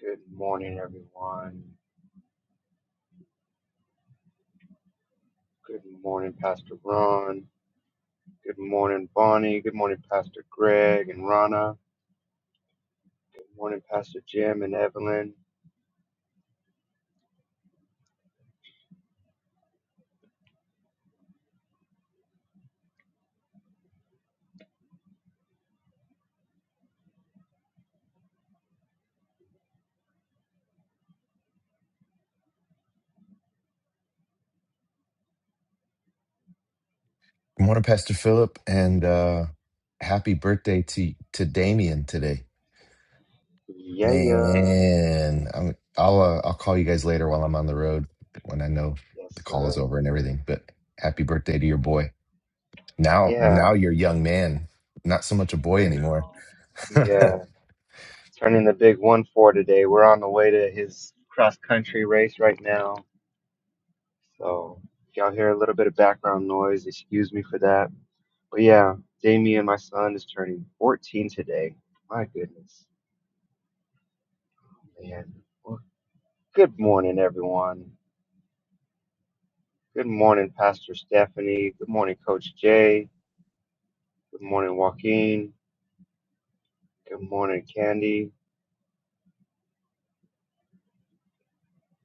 Good morning, everyone. Good morning, Pastor Ron. Good morning, Bonnie. Good morning, Pastor Greg and Rana. Good morning, Pastor Jim and Evelyn. Good morning, Pastor Philip, and uh, happy birthday to to Damien today. Yeah, yeah. Man, I'm, I'll uh, I'll call you guys later while I'm on the road when I know the Yes, call is sir. over and everything. But happy birthday to your boy. Now now Yeah, you're a young man, not so much a I boy anymore. know. oh, We uh, turning the big one four today. We're on the way to his cross country race right now. So if y'all hear a little bit of background noise, excuse me for that. But yeah, Damien, my son, is turning 14 today. My goodness, man. Good morning, everyone. Good morning, Pastor Stephanie. Good morning, Coach Jay. Good morning, Joaquin. Good morning, Candy.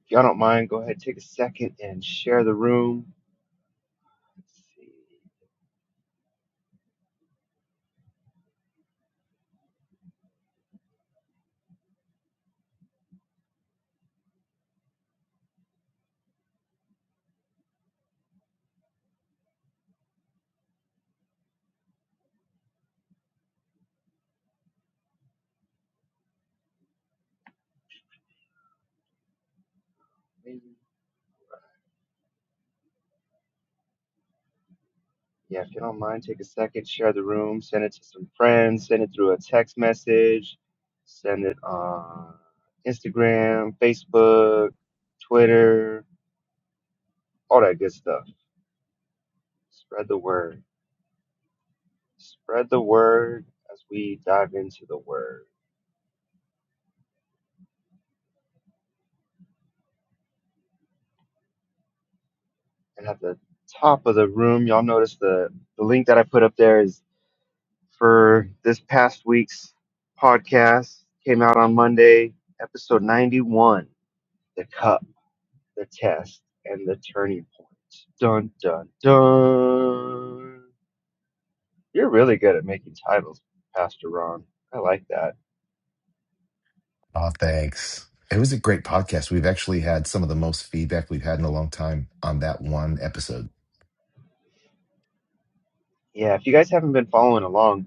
If y'all don't mind, go ahead, take a second and share the room. Let's see, maybe. Yeah, if you don't mind, take a second, share the room, send it to some friends, send it through a text message, send it on Instagram, Facebook, Twitter, all that good stuff. Spread the word. Spread the word as we dive into the word. And at the top of the room, y'all notice the, the link that I put up there is for this past week's podcast. Came out on Monday, episode 91 The Cup, The Test, and The Turning Point. Dun, dun, dun. You're really good at making titles, Pastor Ron. I like that. thanks. It was a great podcast. We've actually had some of the most feedback we've had in a long time on that one episode. Yeah, if you guys haven't been following along,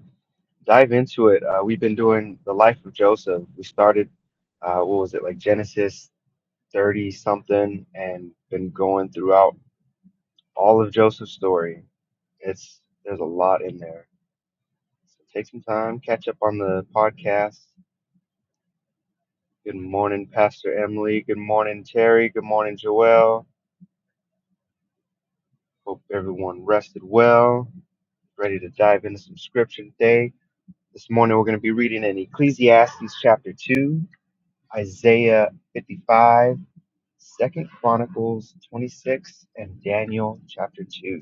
dive into it. Uh, we've been doing the life of Joseph. We started, uh, what was it, like Genesis 30 something and been going throughout all of Joseph's story. It's there's a lot in there. So take some time, catch up on the podcast. Good morning, Pastor Emily. Good morning, Terry. Good morning, Joelle. Hope everyone rested well. Ready to dive into some scripture today. This morning we're going to be reading in Ecclesiastes chapter 2, Isaiah 55, Second Chronicles 26, and Daniel chapter 2.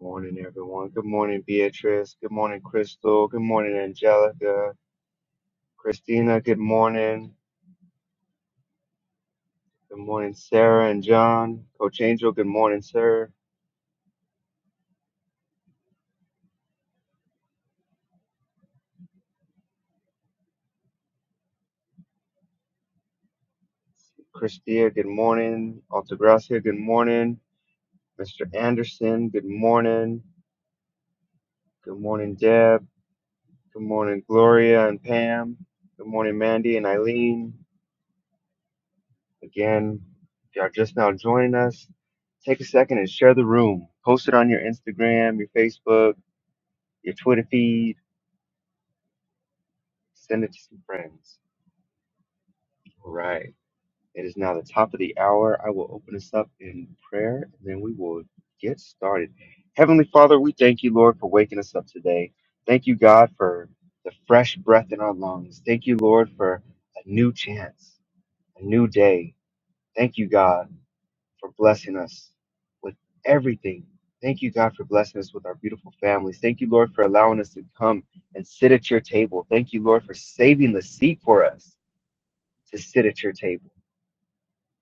Morning, everyone. Good morning, Beatrice. Good morning, Crystal. Good morning, Angelica. Christina, good morning. Good morning, Sarah and John. Coach Angel, good morning, sir. Christia, good morning. Altagracia, good morning. Mr. Anderson, good morning. Good morning, Deb. Good morning, Gloria and Pam. Good morning, Mandy and Eileen. Again, if y'all just now joining us, take a second and share the room. Post it on your Instagram, your Facebook your Twitter feed, send it to some friends. All right. It is now the top of the hour. I will open us up in prayer and then we will get started. Heavenly Father, we thank you, Lord, for waking us up today. Thank you, God, for the fresh breath in our lungs. Thank you, Lord, for a new chance, a new day. Thank you, God. for blessing us with everything. Thank you, God, for blessing us with our beautiful families. Thank you, Lord, for allowing us to come and sit at your table. Thank you, Lord, for saving the seat for us to sit at your table.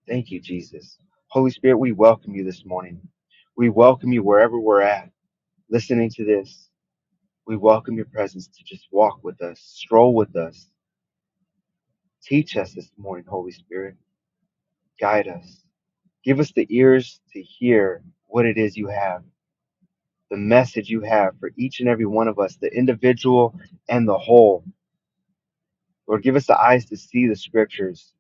Thank you, Jesus. Holy Spirit, we welcome you this morning. We welcome you wherever we're at, listening to this. We welcome your presence to just walk with us, stroll with us. Teach us this morning, Holy Spirit. Guide us. Give us the ears to hear what it is you have. the message you have for each and every one of us, the individual and the whole. Lord, give us the eyes to see the scriptures,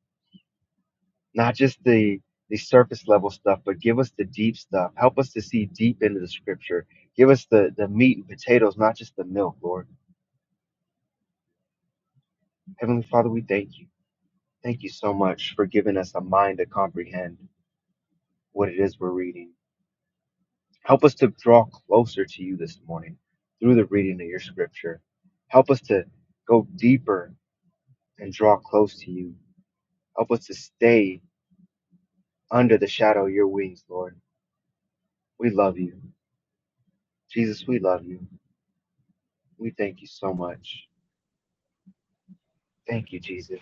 not just the the surface level stuff, but give us the deep stuff. Help us to see deep into the scripture. Give us the, the meat and potatoes, not just the milk, Lord. Heavenly Father, we thank you. Thank you so much for giving us a mind to comprehend what it is we're reading. Help us to draw closer to you this morning through the reading of your scripture. Help us to go deeper and draw close to you Help us to stay under the shadow of your wings, Lord. We love you. Jesus, we love you. We thank you so much. Thank you, Jesus.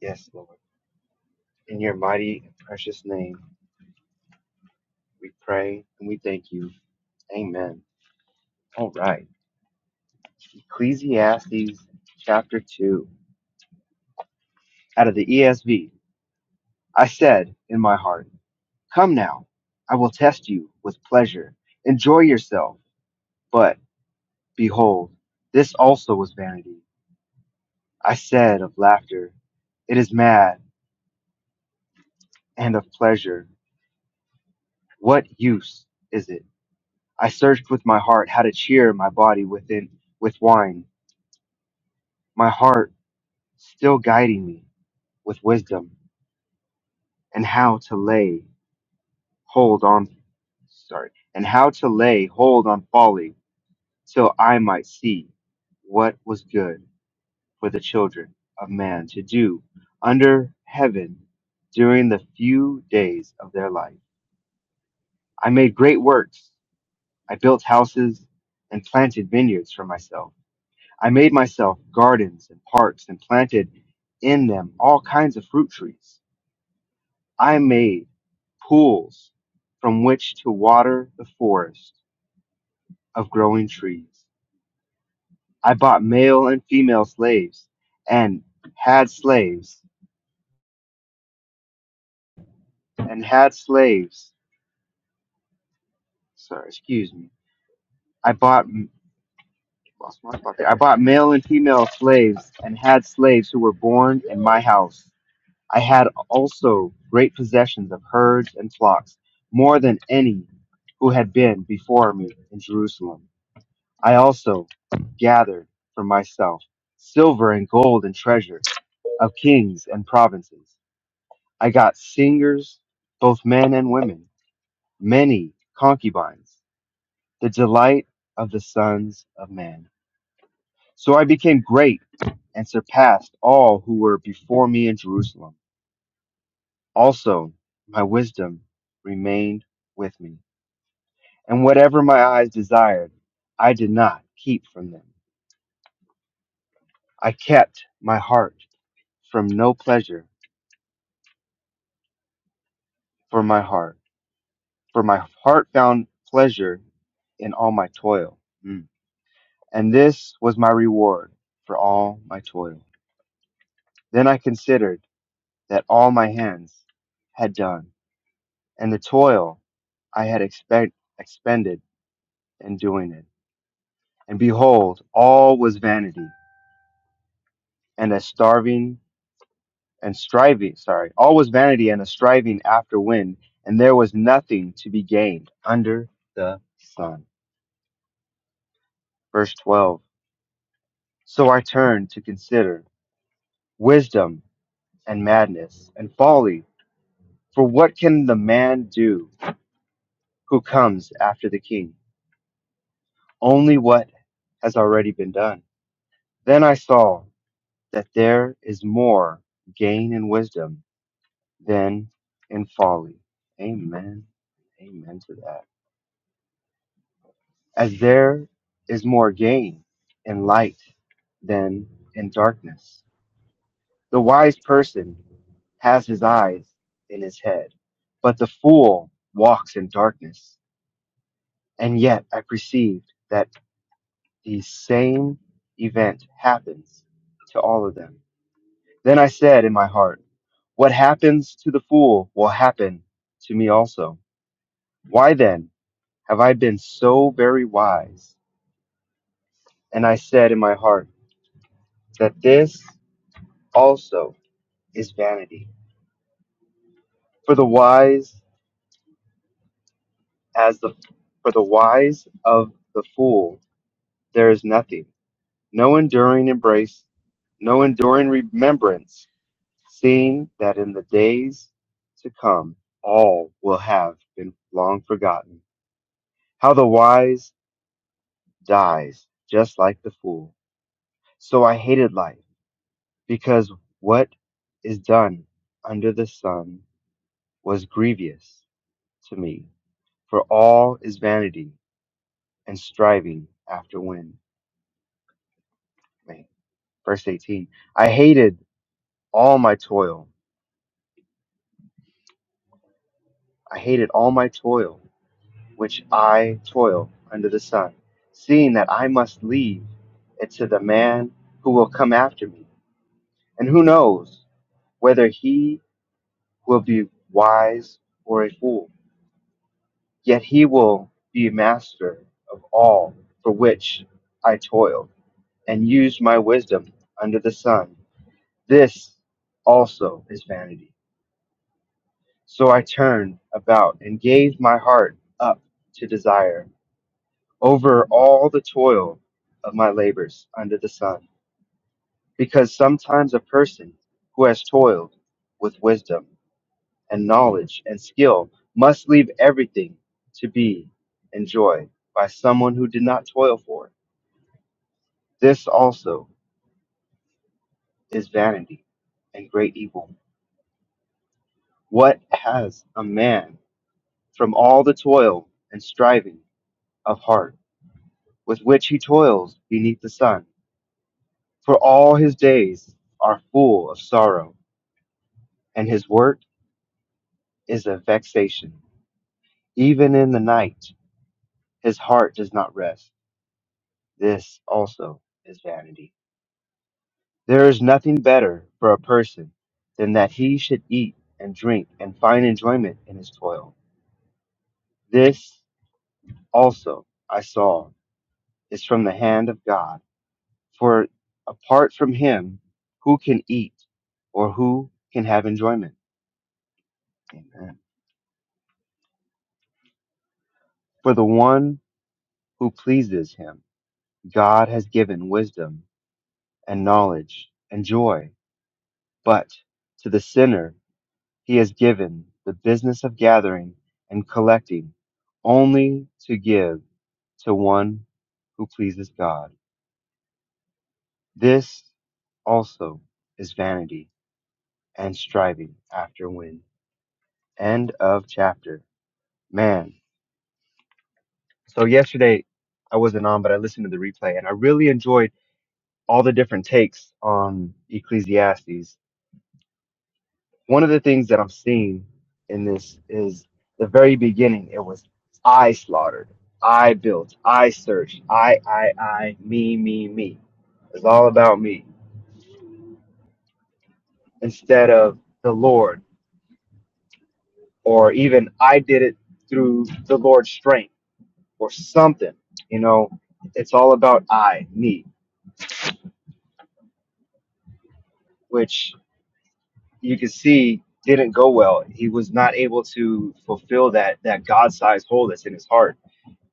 Yes, Lord. In your mighty and precious name, we pray and we thank you. Amen. All right. Ecclesiastes chapter 2. Out of the ESV, I said in my heart, Come now, I will test you with pleasure. Enjoy yourself. But behold, this also was vanity. I said of laughter, it is mad, and of pleasure, what use is it? I searched with my heart how to cheer my body within with wine, my heart still guiding me with wisdom, and how to lay hold on sorry, and how to lay hold on folly till I might see what was good for the children of man to do under heaven during the few days of their life. I made great works I built houses and planted vineyards for myself. I made myself gardens and parks and planted in them all kinds of fruit trees. I made pools from which to water the forest of growing trees. I bought male and female slaves and had slaves and had slaves. Sorry, excuse me. I bought lost my spot there. I bought male and female slaves and had slaves who were born in my house. I had also great possessions of herds and flocks, more than any who had been before me in Jerusalem. I also gathered for myself silver and gold and treasure of kings and provinces. I got singers, both men and women, many concubines, the delight of the sons of man. So I became great and surpassed all who were before me in Jerusalem. Also, my wisdom remained with me, and whatever my eyes desired, I did not keep from them. I kept my heart from no pleasure for my heart, for my heart found pleasure in all my toil. Mm. And this was my reward for all my toil. Then I considered that all my hands had done, and the toil I had expect, expended in doing it. And behold, all was vanity and a starving and striving, sorry, all was vanity and a striving after wind, and there was nothing to be gained under the sun. Verse 12. So I turned to consider wisdom and madness and folly. For what can the man do who comes after the king? Only what has already been done. Then I saw that there is more gain in wisdom than in folly. Amen. Amen to that. as there is more gain in light than in darkness. The wise person has his eyes in his head, but the fool walks in darkness. And yet I perceived that the same event happens to all of them. Then I said in my heart, What happens to the fool will happen to me also. Why then have I been so very wise? And I said in my heart that this also is vanity. For the wise as the for the wise of the fool there is nothing, no enduring embrace, no enduring remembrance, seeing that in the days to come all will have been long forgotten. How the wise dies just like the fool. So I hated life, because what is done under the sun was grievous to me, for all is vanity and striving after wind. Wait, verse 18. I hated all my toil. I hated all my toil, which I toil under the sun, seeing that I must leave it to the man who will come after me. And who knows whether he will be wise or a fool. Yet he will be master of all for which I toil and use my wisdom under the sun. This also is vanity So I turned about and gave my heart up to desire over all the toil of my labors under the sun, because sometimes a person who has toiled with wisdom and knowledge and skill must leave everything to be enjoyed by someone who did not toil for it. This also is vanity and great evil. What has a man from all the toil and striving of heart? with which he toils beneath the sun. For all his days are full of sorrow, and his work is a vexation. Even in the night, his heart does not rest. This also is vanity. There is nothing better for a person than that he should eat and drink and find enjoyment in his toil. This also I saw is from the hand of God. For apart from him, who can eat or who can have enjoyment? Amen. For the one who pleases him, God has given wisdom and knowledge and joy. But to the sinner, he has given the business of gathering and collecting only to give to one who pleases God. This also is vanity and striving after wind. End of chapter. Man. So yesterday I wasn't on, but I listened to the replay and I really enjoyed all the different takes on Ecclesiastes. One of the things that I'm seeing in this is the very beginning. It was I slaughtered, I built, I searched, I, I, I, me, me, me. It's all about me instead of the Lord, or even I did it through the Lord's strength or something. You know, it's all about I, me, which you can see didn't go well. He was not able to fulfill that that God sized hole that's in his heart.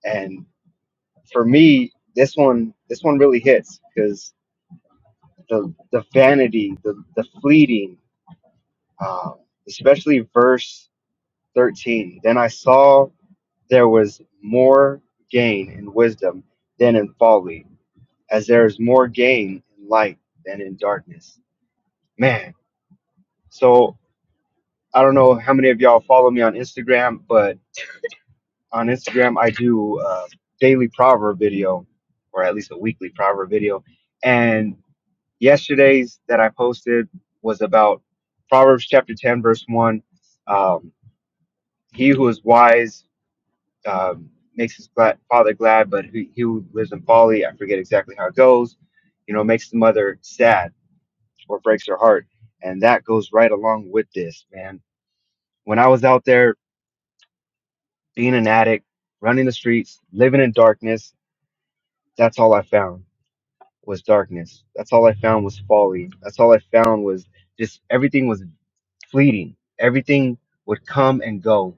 And for me, this one this one really hits because the the vanity, the the fleeting, um, especially verse thirteen. Then I saw there was more gain in wisdom than in folly, as there is more gain in light than in darkness. Man, so I don't know how many of y'all follow me on Instagram, but on Instagram, I do a daily proverb video, or at least a weekly proverb video. And yesterday's that I posted was about Proverbs chapter 10, verse 1. Um, he who is wise um, makes his glad, father glad, but he, he who lives in folly, I forget exactly how it goes, you know, makes the mother sad or breaks her heart. And that goes right along with this, man. When I was out there being an addict, running the streets, living in darkness, that's all I found was darkness. That's all I found was folly. That's all I found was just everything was fleeting. Everything would come and go,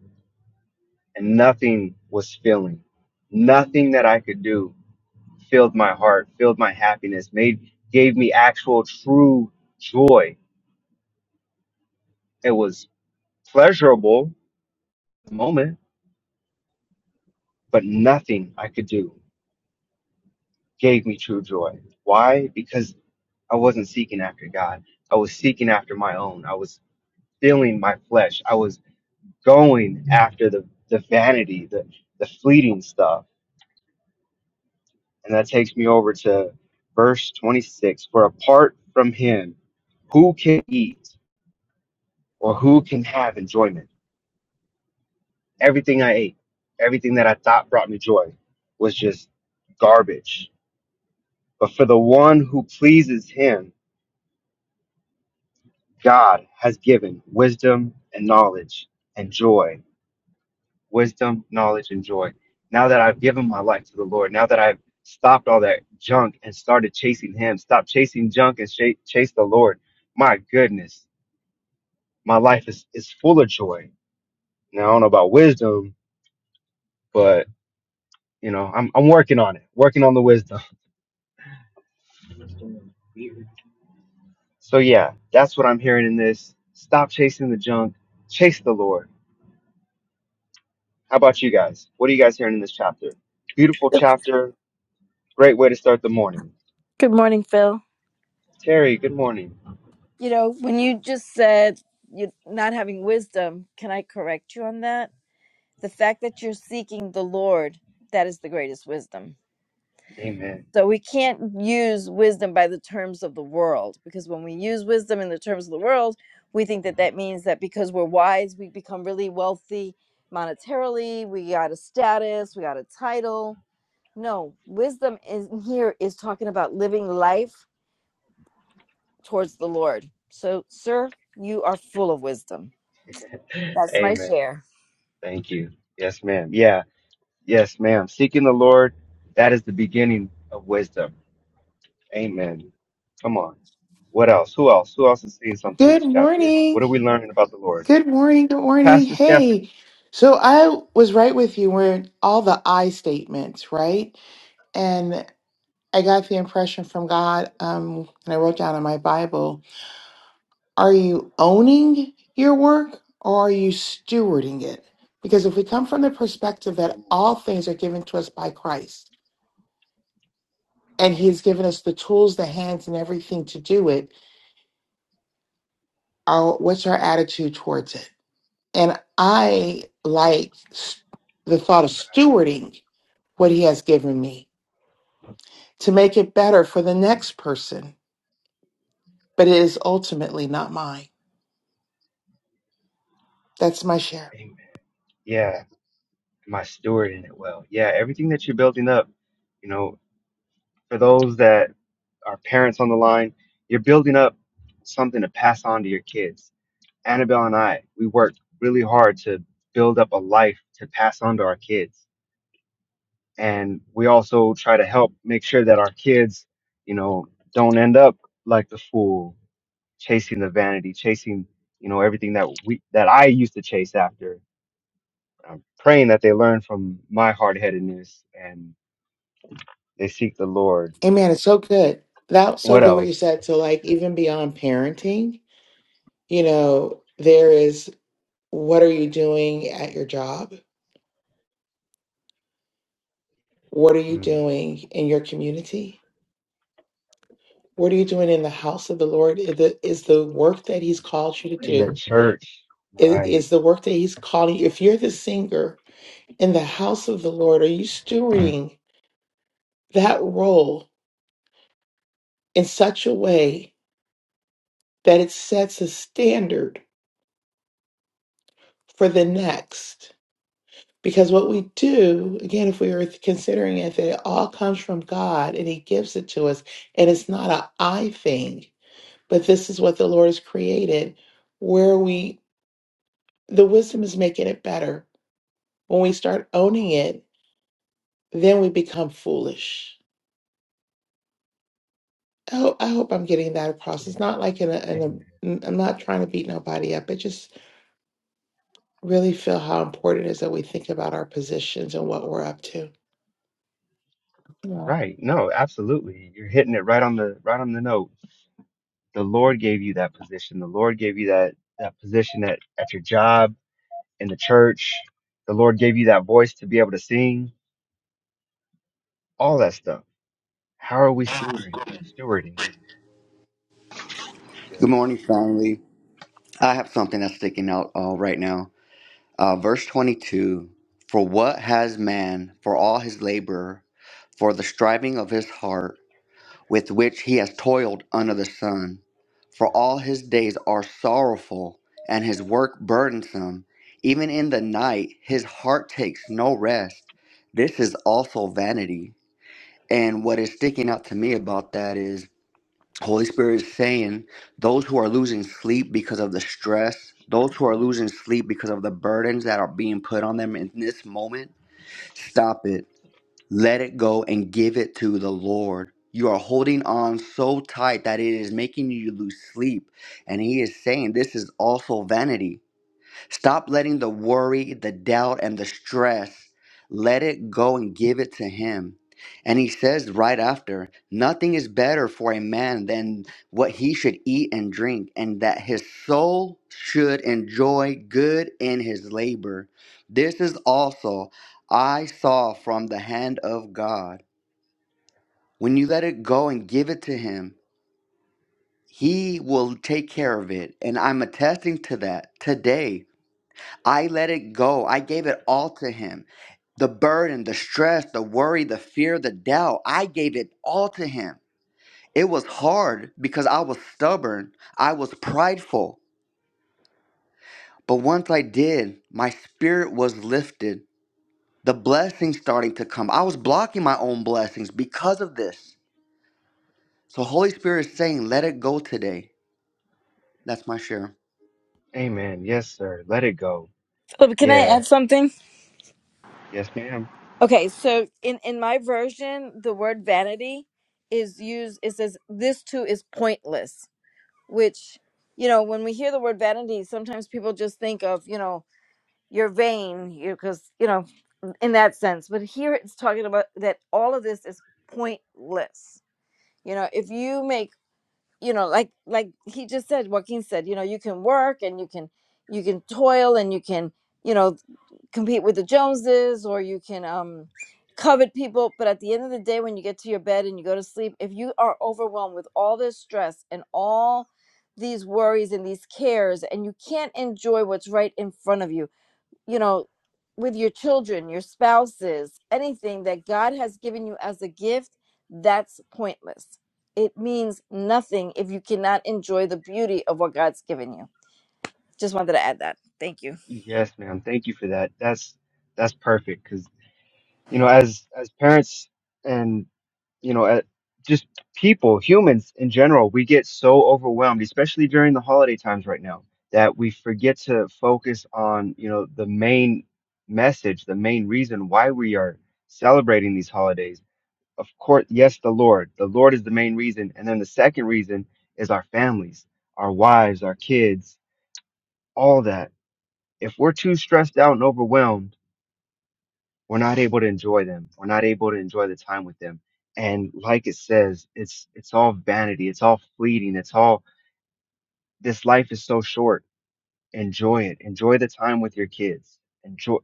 and nothing was filling. Nothing that I could do filled my heart, filled my happiness, made gave me actual true joy. It was pleasurable at the moment, but nothing I could do gave me true joy. Why? Because I wasn't seeking after God. I was seeking after my own. I was filling my flesh. I was going after the, the vanity, the, the fleeting stuff. And that takes me over to verse 26 For apart from him, who can eat or who can have enjoyment? Everything I ate, everything that I thought brought me joy was just garbage. But for the one who pleases him, God has given wisdom and knowledge and joy wisdom, knowledge, and joy. Now that I've given my life to the Lord, now that I've stopped all that junk and started chasing Him, stop chasing junk and sh- chase the Lord. My goodness, my life is, is full of joy. Now, I don't know about wisdom, but you know, I'm, I'm working on it, working on the wisdom. So, yeah, that's what I'm hearing in this. Stop chasing the junk, chase the Lord. How about you guys? What are you guys hearing in this chapter? Beautiful chapter, great way to start the morning. Good morning, Phil. Terry, good morning. You know, when you just said you're not having wisdom, can I correct you on that? The fact that you're seeking the Lord, that is the greatest wisdom. Amen. So we can't use wisdom by the terms of the world because when we use wisdom in the terms of the world, we think that that means that because we're wise, we become really wealthy monetarily, we got a status, we got a title. No, wisdom in here is talking about living life towards the Lord. So, sir, you are full of wisdom. That's my Amen. share. Thank you. Yes, ma'am. Yeah. Yes, ma'am. Seeking the Lord, that is the beginning of wisdom. Amen. Come on. What else? Who else? Who else is seeing something in Good this chapter? morning. What are we learning about the Lord? Good morning. Good morning. Pastor Stephanie. Hey, so I was right with you where all the I statements, right? And I got the impression from God, um, and I wrote down in my Bible, are you owning your work or are you stewarding it? Because if we come from the perspective that Oh, all things are given to us by Christ and He's given us the tools, the hands, and everything to do it, our, what's our attitude towards it? And I like s- the thought of stewarding what he has given me to make it better for the next person, but it is ultimately not mine. That's my share. amen. Yeah. Am I stewarding it well? Yeah. Everything that you're building up, you know, for those that are parents on the line, you're building up something to pass on to your kids. Annabelle and I, we worked really hard to build up a life to pass on to our kids and we also try to help make sure that our kids, you know, don't end up like the fool, chasing the vanity, chasing, you know, everything that we that I used to chase after. I'm praying that they learn from my hard headedness and they seek the Lord. Amen. It's so good. That was so What good what you else? said. So, like, even beyond parenting, you know, there is what are you doing at your job? What are you Mm. doing in your community? What are you doing in the house of the Lord? Is the, is the work that he's called you to In the do church, Is right? is the work that He's calling you. If you're the singer in the house of the Lord, are you stewarding that role in such a way that it sets a standard for the next? Because what we do, again, if we were considering it, that it all comes from God and He gives it to us, and it's not a I thing, but this is what the Lord has created, where we, the wisdom is making it better. When we start owning it, then we become foolish I hope, I hope I'm getting that across. It's not like in a, in Amen. a, n- I'm not trying to beat nobody up. I just really feel how important it is that we think about our positions and what we're up to. Yeah. Right. No, absolutely. You're hitting it right on the right on the note the Lord gave you that position. The Lord gave you that that position at, at your job in the church. The Lord gave you that voice to be able to sing, all that stuff. How are we stewarding stewarding it? That's Good good. morning, family. I have something that's sticking out uh, right now. Uh, verse 22 For what has man for all his labor, for the striving of his heart, with which he has toiled under the sun? For all his days are sorrowful, and his work burdensome. Even in the night, his heart takes no rest. This is also vanity. And what is sticking out to me about that is. Holy Spirit is saying those who are losing sleep because of the stress, those who are losing sleep because of the burdens that are being put on them in this moment, stop it. Let it go and give it to the Lord. You are holding on so tight that it is making you lose sleep. And He is saying this is also vanity. Stop letting the worry, the doubt, and the stress let it go and give it to Him. And He says right after, nothing is better for a man than what he should eat and drink, and that his soul should enjoy good in his labor. This is also I saw from the hand of God. When you let it go and give it to Him, He will take care of it. And I'm attesting to that today I let it go. I gave it all to him. The burden, the stress, the worry, the fear, the doubt, I gave it all to him. It was hard because I was stubborn, I was prideful. But once I did, my spirit was lifted. The blessings starting to come. I was blocking my own blessings because of this. So Holy Spirit is saying, let it go today. That's my share. Amen. Yes, sir. Let it go. Oh, can I Yeah. add something? Yes, ma'am. Okay, so in in my version, the word vanity is used. It says this too is pointless, which you know when we hear the word vanity, sometimes people just think of you know you're vain, you because you know in that sense. But here it's talking about that all of this is pointless. You know, if you make you know like like he just said joaquin said you know you can work and you can you can toil and you can you know compete with the joneses or you can um covet people but at the end of the day when you get to your bed and you go to sleep if you are overwhelmed with all this stress and all these worries and these cares and you can't enjoy what's right in front of you you know, with your children, your spouses, anything that God has given you as a gift, that's pointless. It means nothing if you cannot enjoy the beauty of what God's given you. Just wanted to add that. Thank you. Yes, ma'am. Thank you for that. That's that's perfect. Cause you know, as as parents and you know, at just people, humans in general, we get so overwhelmed, especially during the holiday times right now, that we forget to focus on, you know, the main message, the main reason why we are celebrating these holidays. Of course, yes, the Lord. The Lord is the main reason. And then the second reason is our families, our wives, our kids, all that. If we're too stressed out and overwhelmed, we're not able to enjoy them. We're not able to enjoy the time with them. And like it says, it's it's all vanity. It's all fleeting. It's all this life is so short. Enjoy it. Enjoy the time with your kids. Enjoy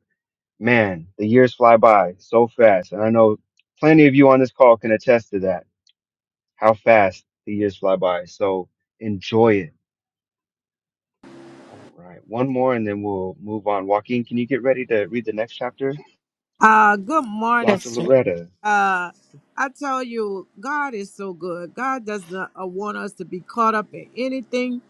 man, the years fly by so fast. And I know plenty of you on this call can attest to that, how fast the years fly by. So enjoy it. All right. One more and then we'll move on. Joaquin, can you get ready to read the next chapter? Uh, good morning, Dr. Yes, Loretta. uh I tell you, God is so good. God does not uh, want us to be caught up in anything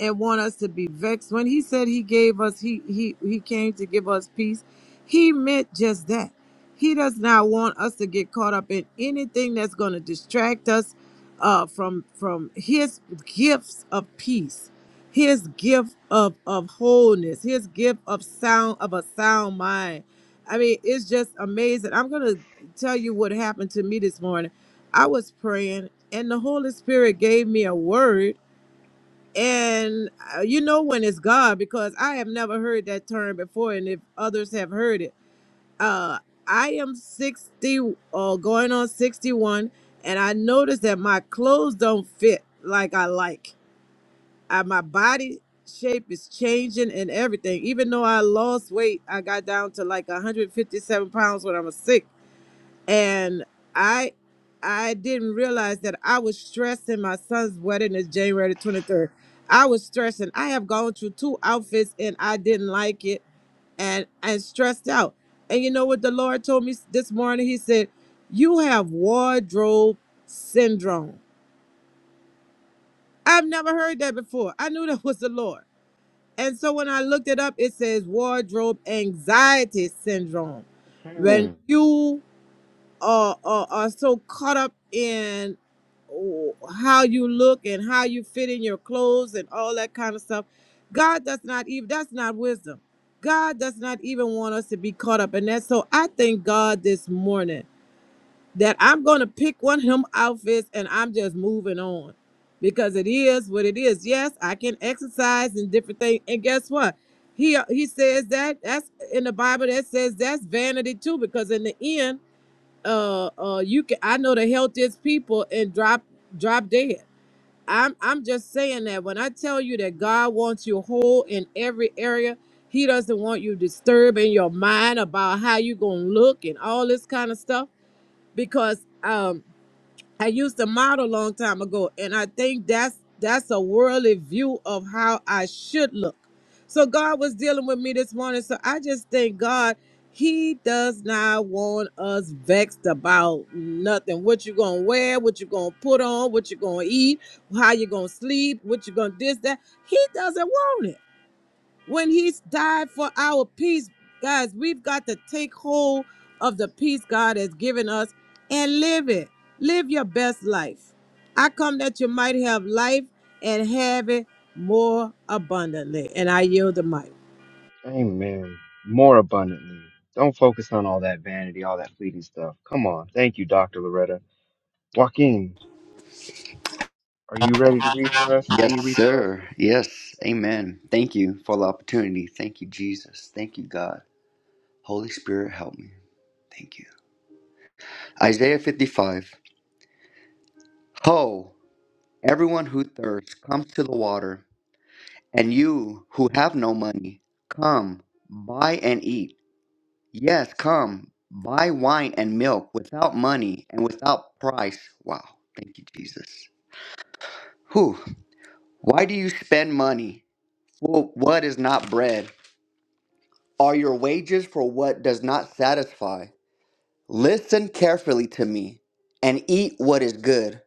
and want us to be vexed. When he said he gave us he he he came to give us peace, he meant just that. He does not want us to get caught up in anything that's going to distract us uh from from his gifts of peace. His gift of of wholeness, his gift of sound of a sound mind. I mean, it's just amazing. I'm gonna tell you what happened to me this morning. I was praying, and the Holy Spirit gave me a word. And uh, you know when it's God because I have never heard that term before, and if others have heard it, uh, I am sixty or going on sixty-one, and I noticed that my clothes don't fit like I like. Uh, my body shape is changing and everything. Even though I lost weight, I got down to like 157 pounds when I was sick and I I didn't realize that I was stressing. My son's wedding is January the twenty third. I was stressing. I have gone through two outfits and I didn't like it and and stressed out. And you know what the Lord told me s- this morning? He said, "You have wardrobe syndrome." I've never heard that before. I knew that was the Lord. And so when I looked it up, it says wardrobe anxiety syndrome. Hmm. When you are, are, are so caught up in oh, how you look and how you fit in your clothes and all that kind of stuff. God does not even, that's not wisdom. God does not even want us to be caught up in that. So I thank God this morning that I'm going to pick one of them outfits and I'm just moving on because it is what it is. Yes, I can exercise and different things. And guess what? He, he says that that's in the Bible that says that's vanity too, because in the end, uh uh you can I know the healthiest people and drop drop dead. I'm I'm just saying that when I tell you that God wants you whole in every area, he doesn't want you disturbing your mind about how you gonna look and all this kind of stuff because um I used to model a long time ago, and I think that's that's a worldly view of how I should look. So God was dealing with me this morning. So I just thank God He does not want us vexed about nothing. What you gonna wear, what you gonna put on, what you gonna eat, how you gonna sleep, what you gonna this, that. He doesn't want it when he's died for our peace, guys, we've got to take hold of the peace God has given us and live it. Live your best life. I come that you might have life and have it more abundantly. And I yield the mic. Amen. More abundantly. Don't focus on all that vanity, all that fleeting stuff. Come on. Thank you, Dr. Loretta. Joaquin, are you ready to read for us? Can you Yes, read for us? sir. Yes. Amen. Thank you for the opportunity. Thank you, Jesus. Thank you, God. Holy Spirit, help me. Thank you. Isaiah 55. Ho, everyone who thirsts, comes to the water, and you who have no money, come, buy and eat. Yes, come, buy wine and milk without money and without price. Wow, thank you, Jesus. Whew. Why do you spend money for what is not bread? Are your wages for what does not satisfy? Listen carefully to me and eat what is good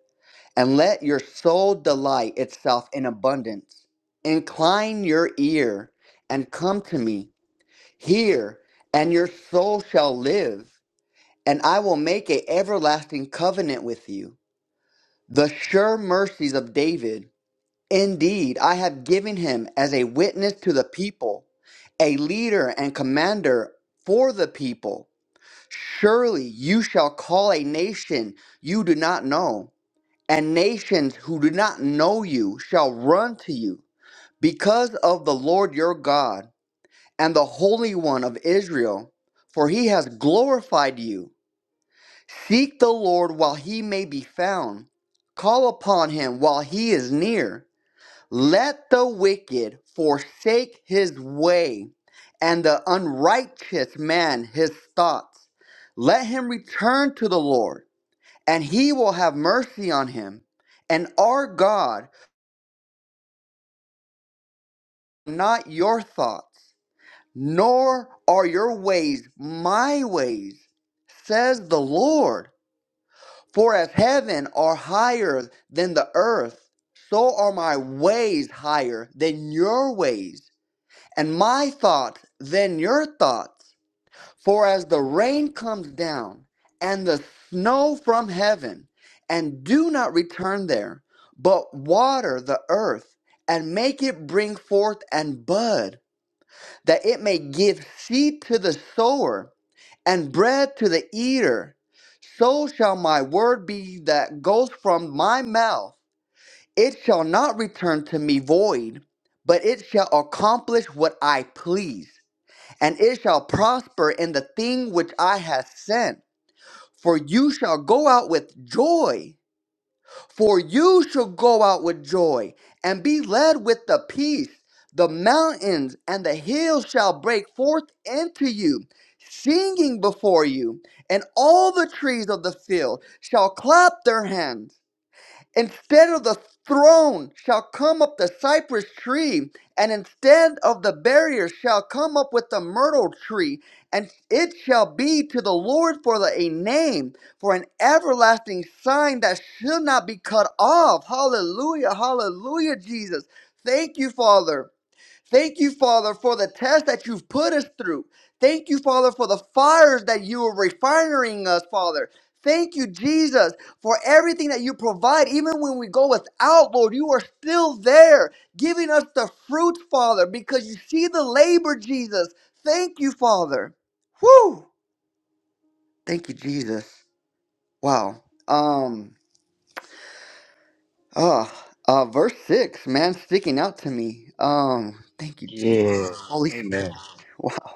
and let your soul delight itself in abundance. Incline your ear and come to me. Hear, and your soul shall live, and I will make a everlasting covenant with you. The sure mercies of David. Indeed, I have given him as a witness to the people, a leader and commander for the people. Surely you shall call a nation you do not know and nations who do not know you shall run to you because of the Lord your God and the Holy One of Israel, for he has glorified you. Seek the Lord while he may be found, call upon him while he is near. Let the wicked forsake his way, and the unrighteous man his thoughts. Let him return to the Lord, and he will have mercy on him, and our God not your thoughts, nor are your ways my ways, says the Lord. For as heaven are higher than the earth, so are my ways higher than your ways, and my thoughts than your thoughts. For as the rain comes down and the snow from heaven, and do not return there, but water the earth and make it bring forth and bud that it may give seed to the sower and bread to the eater. So shall my word be that goes from my mouth. It shall not return to me void, but it shall accomplish what I please, and it shall prosper in the thing which I have sent. For you shall go out with joy for you shall go out with joy and be led with the peace. The mountains and the hills shall break forth into you, singing before you, and all the trees of the field shall clap their hands. Instead of the throne shall come up the cypress tree, and instead of the barrier shall come up with the myrtle tree, and it shall be to the Lord for the, a name, for an everlasting sign that shall not be cut off. Hallelujah, hallelujah, Jesus. Thank you, Father. Thank you, Father, for the test that you've put us through. Thank you, Father, for the fires that you are refining us, Father. Thank you, Jesus, for everything that you provide. Even when we go without, Lord, you are still there, giving us the fruit, Father, because you see the labor, Jesus. Thank you, Father. Whew. Thank you, Jesus. Wow. Um, uh, uh, verse six, man, sticking out to me. Um, thank you, Jesus. Yeah. Holy Spirit. Amen. Wow.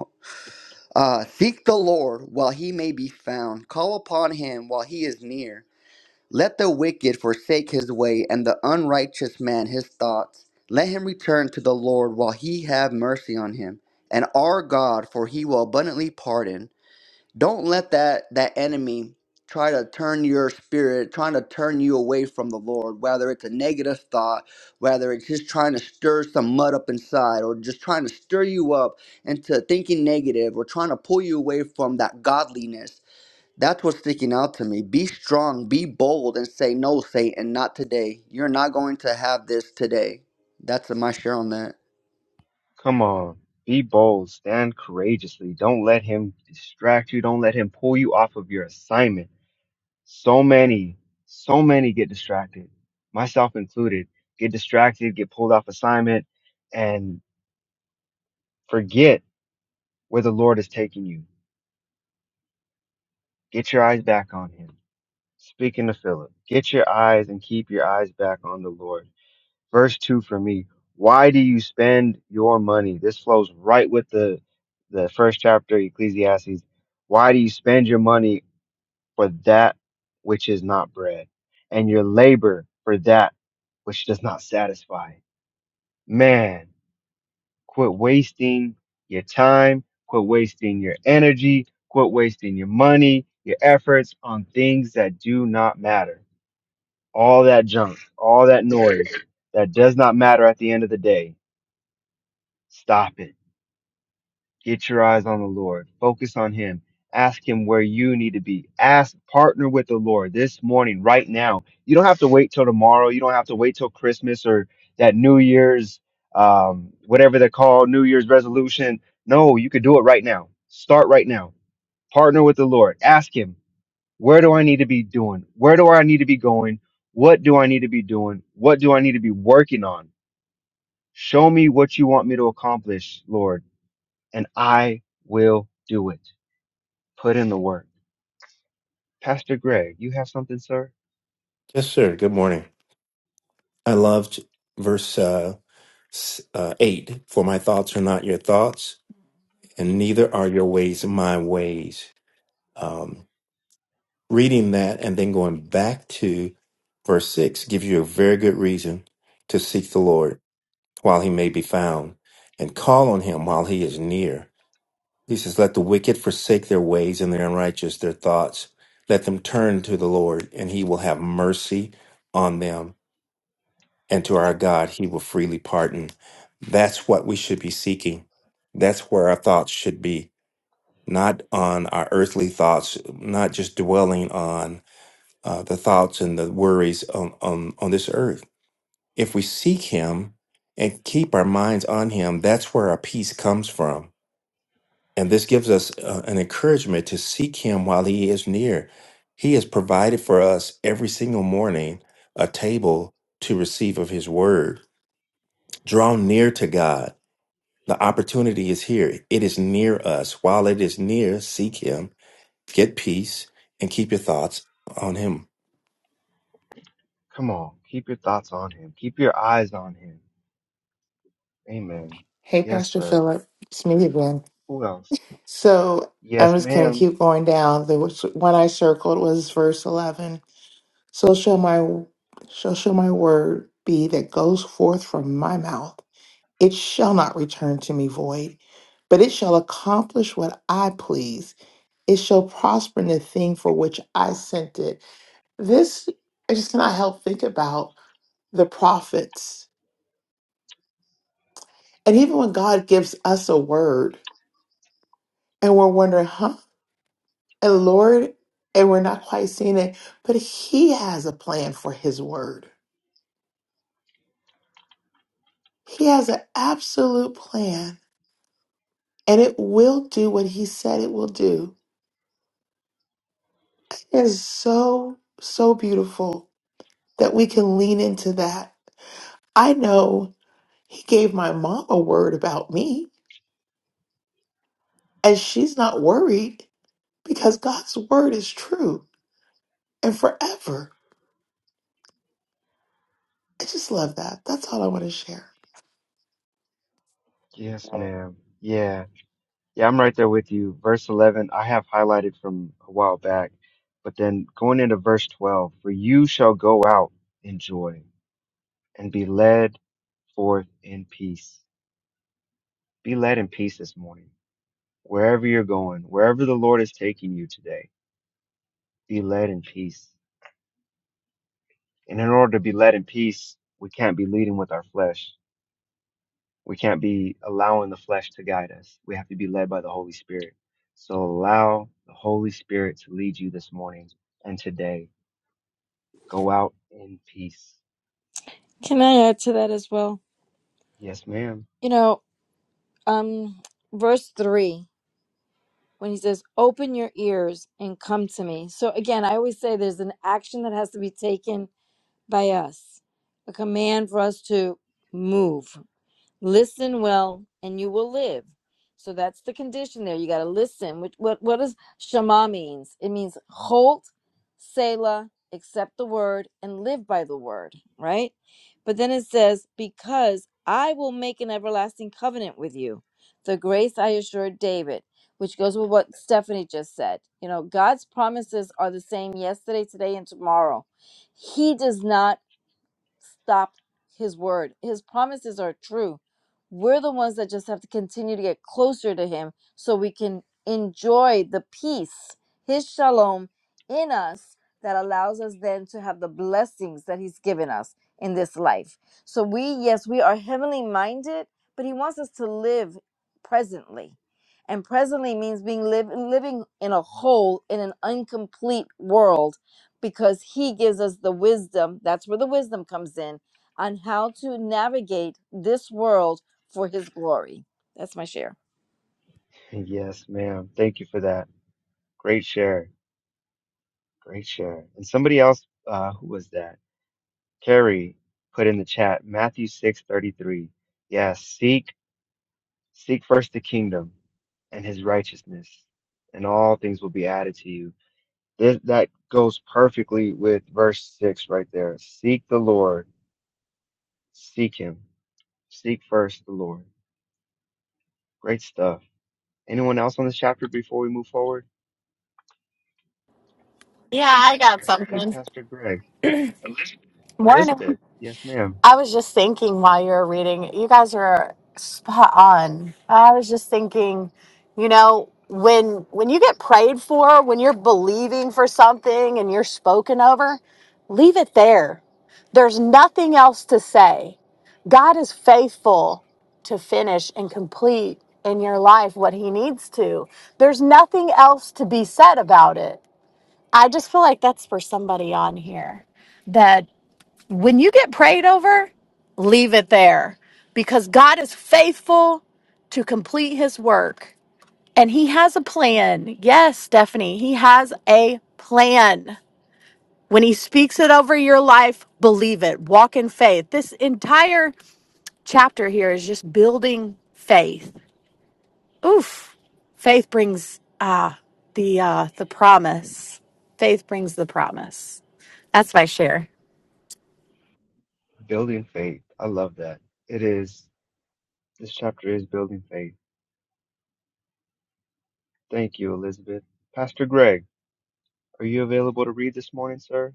Uh, seek the Lord while he may be found. Call upon him while he is near. Let the wicked forsake his way, and the unrighteous man his thoughts. Let him return to the Lord while he have mercy on him, and our God, for he will abundantly pardon. Don't let that that enemy try to turn your spirit, trying to turn you away from the Lord, whether it's a negative thought, whether it's just trying to stir some mud up inside or just trying to stir you up into thinking negative or trying to pull you away from that godliness. That's what's sticking out to me. Be strong, be bold and say no, Satan, not today. You're not going to have this today. That's my share on that. Come on. Be bold. Stand courageously. Don't let him distract you. Don't let him pull you off of your assignment. So many, so many get distracted, myself included, get distracted, get pulled off assignment, and forget where the Lord is taking you. Get your eyes back on him speaking to Philip, get your eyes and keep your eyes back on the Lord. Verse two for me. Why do you spend your money? This flows right with the the first chapter, Ecclesiastes. Why do you spend your money for that which is not bread, and your labor for that which does not satisfy? Man, quit wasting your time, quit wasting your energy, quit wasting your money, your efforts on things that do not matter all that junk, all that noise that does not matter at the end of the day, stop it. Get your eyes on the Lord. Focus on Him. Ask Him where you need to be. Ask, partner with the Lord this morning, right now. You don't have to wait till tomorrow. You don't have to wait till Christmas or that New Year's, um, whatever they're called, New Year's resolution. No, you could do it right now. Start right now. Partner with the Lord. Ask Him. Where do I need to be doing? Where do I need to be going? What do I need to be doing? What do I need to be working on? Show me what you want me to accomplish, Lord, and I will do it. Put in the work. Pastor Greg, you have something, sir? Yes, sir. Good morning. I loved verse uh, s- uh, 8 For my thoughts are not your thoughts, and neither are your ways my ways. Um, reading that and then going back to verse 6 gives you a very good reason to seek the Lord while he may be found and call on him while he is near. He says, Let the wicked forsake their ways and their unrighteous, their thoughts. Let them turn to the Lord, and he will have mercy on them and to our God he will freely pardon. That's what we should be seeking. That's where our thoughts should be, not on our earthly thoughts, not just dwelling on uh, the thoughts and the worries on, on, on this earth. If we seek him and keep our minds on him, that's where our peace comes from. And this gives us uh, an encouragement to seek him while he is near. He has provided for us every single morning a table to receive of his word Draw near to God. The opportunity is here. It is near us. While it is near, seek Him, get peace, and keep your thoughts on Him. Come on. Keep your thoughts on him. Keep your eyes on him. Amen. Hey, Yes, Pastor sir. Philip, it's me again. Who else? So I'm Yes, just going to ma'am. keep going down. The one I circled was verse 11. So shall my, so shall my word be that goes forth from my mouth. It shall not return to me void, but it shall accomplish what I please it shall prosper in the thing for which I sent it. This I just cannot help think about the prophets. And even when God gives us a word and we're wondering, huh? And Lord, and we're not quite seeing it, but He has a plan for His word. He has an absolute plan and it will do what He said it will do. It is so, so beautiful that we can lean into that. I know He gave my mom a word about me And she's not worried because God's word is true and forever. I just love that. That's all I want to share. Yes, ma'am. Yeah. Yeah, I'm right there with you. Verse 11, I have highlighted from a while back, but then going into verse 12, for you shall go out in joy and be led forth in peace. Be led in peace this morning, wherever you're going, wherever the Lord is taking you today, be led in peace. And in order to be led in peace, we can't be leading with our flesh. We can't be allowing the flesh to guide us. We have to be led by the Holy Spirit. So allow the Holy Spirit to lead you this morning and today Go out in peace. Can I add to that as well? Yes, ma'am. You know, um verse 3 when he says, "Open your ears and come to me." So again, I always say there's an action that has to be taken by us. A command for us to move. listen well and you will live so that's the condition there you got to listen what, what what does shema means it means halt selah accept the word and live by the word right but then it says because i will make an everlasting covenant with you the grace i assured david which goes with what stephanie just said you know god's promises are the same yesterday today and tomorrow he does not stop his word. His promises are true. We're the ones that just have to continue to get closer to him so we can enjoy the peace, his shalom in us that allows us then to have the blessings that he's given us in this life. So we, yes, we are heavenly minded, but he wants us to live presently. And presently means being live, living in a whole, in an incomplete world because he gives us the wisdom. That's where the wisdom comes in on how to navigate this world for his glory. That's my share. Yes, ma'am. Thank you for that. Great share. Great share. And somebody else, uh, who was that? Carrie put in the chat, Matthew six thirty three. Yes, seek, seek first the kingdom and his righteousness, and all things will be added to you. This, that goes perfectly with verse six right there. Seek the Lord, seek him, seek first the Lord. Great stuff. Anyone else on this chapter before we move forward? Yeah, I All got right. Hey, something. Pastor Greg. Morning. Elizabeth. Yes, ma'am. I was just thinking while you were reading, you guys were spot on. I was just thinking, you know, when when you get prayed for, when you're believing for something and you're spoken over, leave it there. There's nothing else to say. God is faithful to finish and complete in your life what he needs to. There's nothing else to be said about it. I just feel like that's for somebody on here that when you get prayed over, leave it there because God is faithful to complete his work and he has a plan. Yes, Stephanie, he has a plan. When he speaks it over your life, believe it, walk in faith. This entire chapter here is just building faith. Oof. Faith brings ah the uh the promise. Faith brings the promise. That's my share. Building faith. I love that. It is. This chapter is building faith. Thank you, Elizabeth. Pastor Greg, are you available to read this morning, sir?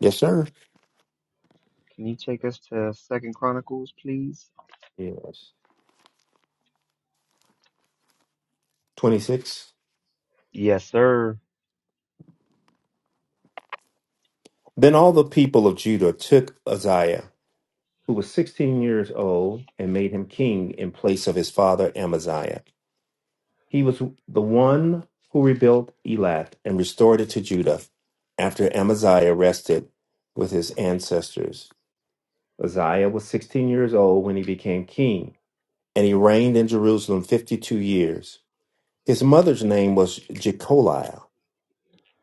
Yes, sir. Can you take us to Second Chronicles, please? Yes. 26. Yes, sir. Then all the people of Judah took Uzziah, who was 16 years old, and made him king in place of his father Amaziah. He was the one who rebuilt Elath and restored it to Judah after Amaziah rested with his ancestors. Uzziah was 16 years old when he became king, and he reigned in Jerusalem 52 years. His mother's name was Jecoliah.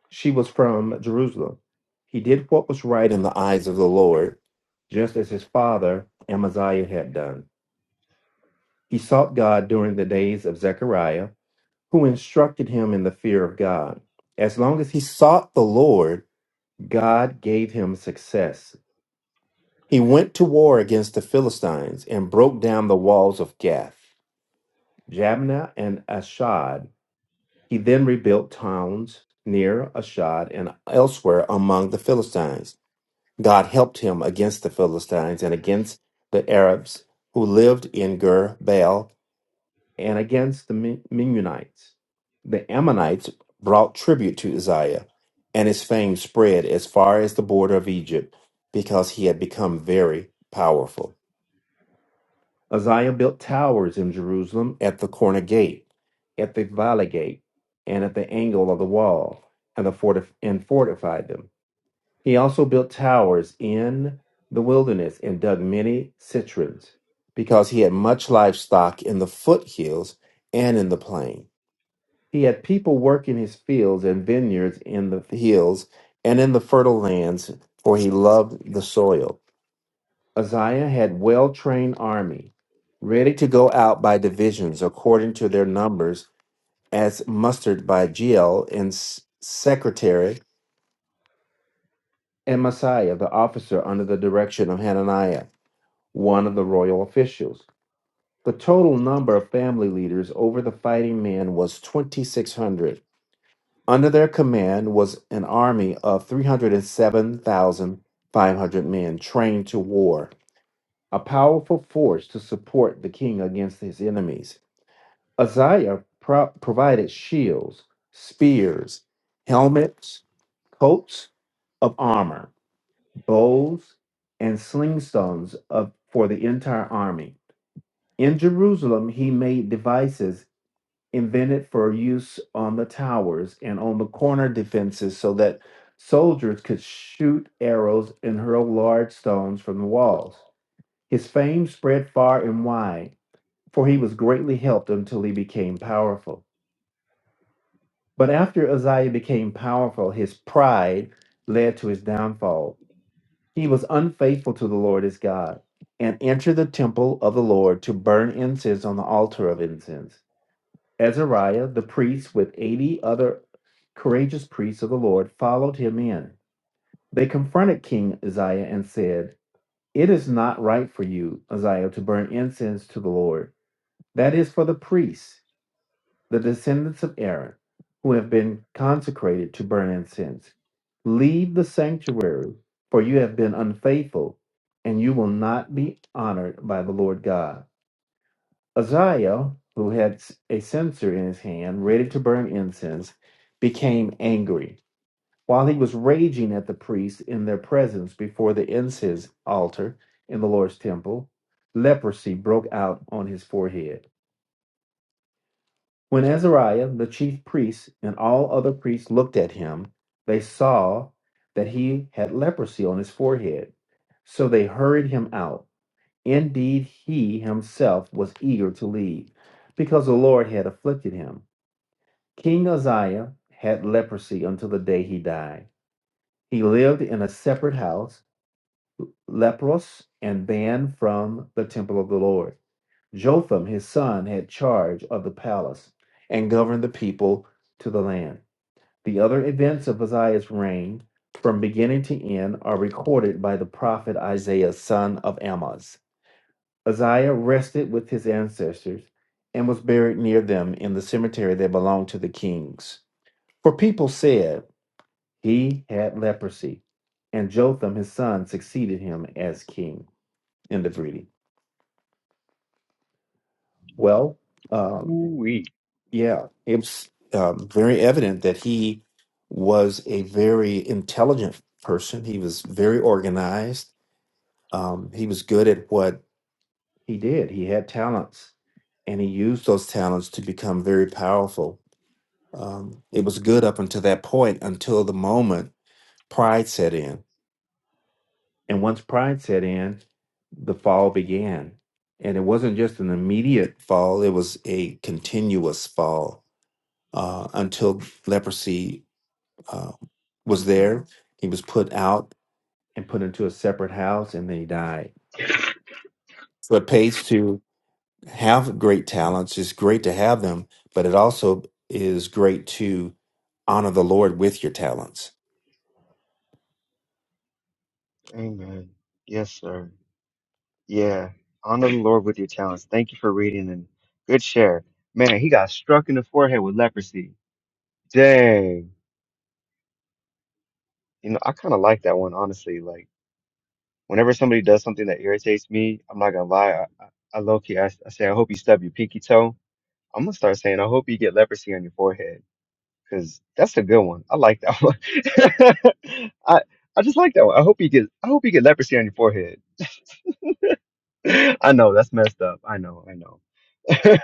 She was from Jerusalem. He did what was right in the eyes of the Lord, just as his father Amaziah had done. He sought God during the days of Zechariah, who instructed him in the fear of God. As long as he sought the Lord, God gave him success. He went to war against the Philistines and broke down the walls of Gath. Jabneh, and Ashad. He then rebuilt towns near Ashad and elsewhere among the Philistines. God helped him against the Philistines and against the Arabs who lived in Gur Baal and against the Men- Mennonites. The Ammonites brought tribute to Uzziah, and his fame spread as far as the border of Egypt because he had become very powerful. Uzziah built towers in Jerusalem at the corner gate, at the valley gate, and at the angle of the wall, and, the fortif- and fortified them. He also built towers in the wilderness and dug many cisterns, because he had much livestock in the foothills and in the plain. He had people work in his fields and vineyards in the hills and in the fertile lands, for he loved the soil. Uzziah had well-trained army, ready to go out by divisions according to their numbers, as mustered by Jeiel and S- secretary and Messiah, the officer under the direction of Hananiah, one of the royal officials. The total number of family leaders over the fighting men was 2,600. Under their command was an army of 307,500 men trained to war. a powerful force to support the king against his enemies. Uzziah pro- provided shields, spears, helmets, coats of armor, bows, and slingstones of, for the entire army. In Jerusalem, he made devices invented for use on the towers and on the corner defenses so that soldiers could shoot arrows and hurl large stones from the walls. His fame spread far and wide for he was greatly helped until he became powerful. But after Uzziah became powerful, his pride led to his downfall. He was unfaithful to the Lord his God and entered the temple of the Lord to burn incense on the altar of incense. Azariah, the priest, with 80 other courageous priests of the Lord, followed him in. They confronted King Uzziah and said, It is not right for you, Uzziah, to burn incense to the Lord. That is for the priests the descendants of Aaron, who have been consecrated to burn incense. Leave the sanctuary, for you have been unfaithful, and you will not be honored by the Lord God. Uzziah, who had a censer in his hand, ready to burn incense, became angry. While he was raging at the priests in their presence before the incense altar in the Lord's temple, leprosy broke out on his forehead. When Azariah, the chief priest, and all other priests looked at him, they saw that he had leprosy on his forehead. So they hurried him out. Indeed, he himself was eager to leave, because the Lord had afflicted him. King Uzziah had leprosy until the day he died. He lived in a separate house, leprous and banned from the temple of the Lord. Jotham, his son, had charge of the palace and governed the people to the land. The other events of Uzziah's reign, from beginning to end, are recorded by the prophet Isaiah, son of Amoz. Uzziah rested with his ancestors and was buried near them in the cemetery that belonged to the kings. For people said he had leprosy, and Jotham, his son, succeeded him as king. End of reading. Well, um, Ooh, Yeah, it was um, very evident that he was a very intelligent person. He was very organized. Um, he was good at what he did. He had talents, and he used those talents to become very powerful. Um, it was good up until that point, until the moment pride set in. And once pride set in, the fall began. And it wasn't just an immediate fall, it was a continuous fall uh, until leprosy um, was there. He was put out and put into a separate house, and then he died. So it pays to have great talents. It's great to have them, but it also is great to honor the Lord with your talents. amen. Yes, sir. Yeah. Honor the Lord with your talents. Thank you for reading and good share. Man, he got struck in the forehead with leprosy. Dang. You know, I kind of like that one, honestly. Like. Whenever somebody does something that irritates me, I'm not gonna lie. I, I, I low key, I, I say, I hope you stub your pinky toe. I'm gonna start saying, I hope you get leprosy on your forehead, because that's a good one. I like that one. I I just like that one. I hope you get, I hope you get leprosy on your forehead. I know that's messed up. I know, I know,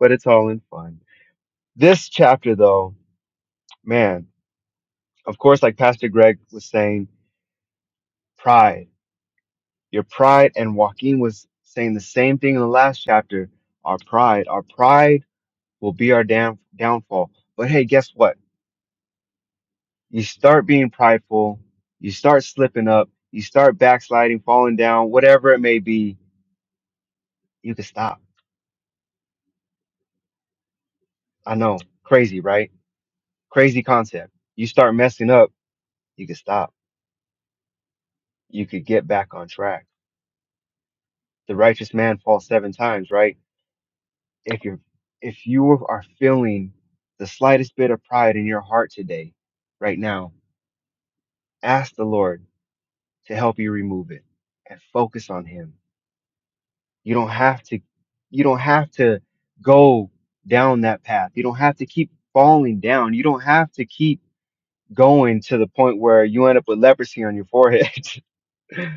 but it's all in fun. This chapter, though, man, of course, like Pastor Greg was saying, pride. Your pride and Joaquin was saying the same thing in the last chapter. Our pride, our pride will be our damn downfall. But hey, guess what? You start being prideful, you start slipping up, you start backsliding, falling down, whatever it may be, you can stop. I know, crazy, right? Crazy concept. You start messing up, you can stop. You could get back on track. The righteous man falls seven times, right? if you're if you are feeling the slightest bit of pride in your heart today right now ask the lord to help you remove it and focus on him you don't have to you don't have to go down that path you don't have to keep falling down you don't have to keep going to the point where you end up with leprosy on your forehead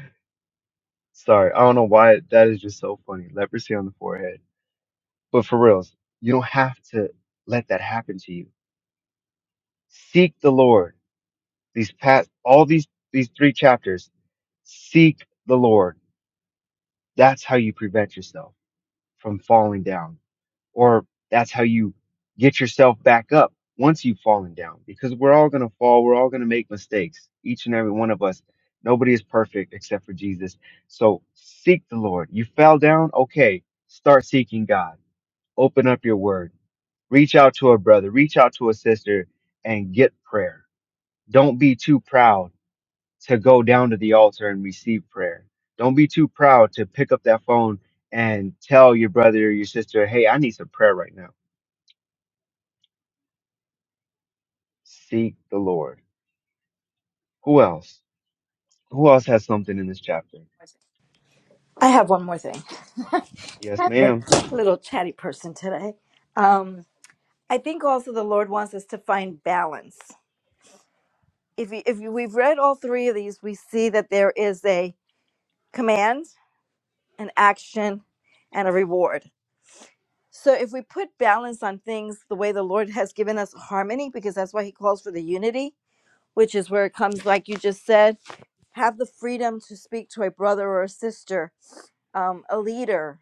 sorry i don't know why that is just so funny leprosy on the forehead but for reals you don't have to let that happen to you seek the lord These past, all these, these three chapters, seek the Lord. That's how you prevent yourself from falling down, or that's how you get yourself back up once you've fallen down, because we're all going to fall. We're all going to make mistakes, each and every one of us. Nobody is perfect except for Jesus. So seek the Lord. You fell down. Okay. Start seeking God. Open up your word reach out to a brother, reach out to a sister, and get prayer. Don't be too proud to go down to the altar and receive prayer. Don't be too proud to pick up that phone and tell your brother or your sister, hey, I need some prayer right now. Seek the Lord. Who else? Who else has something in this chapter? I have one more thing. Yes, I've been ma'am. a little chatty person today. Um, I think also the Lord wants us to find balance. If you, if you, we've read all three of these, we see that there is a command, an action, and a reward. So if we put balance on things the way the Lord has given us harmony, because that's why He calls for the unity, which is where it comes, like you just said, have the freedom to speak to a brother or a sister, um, a leader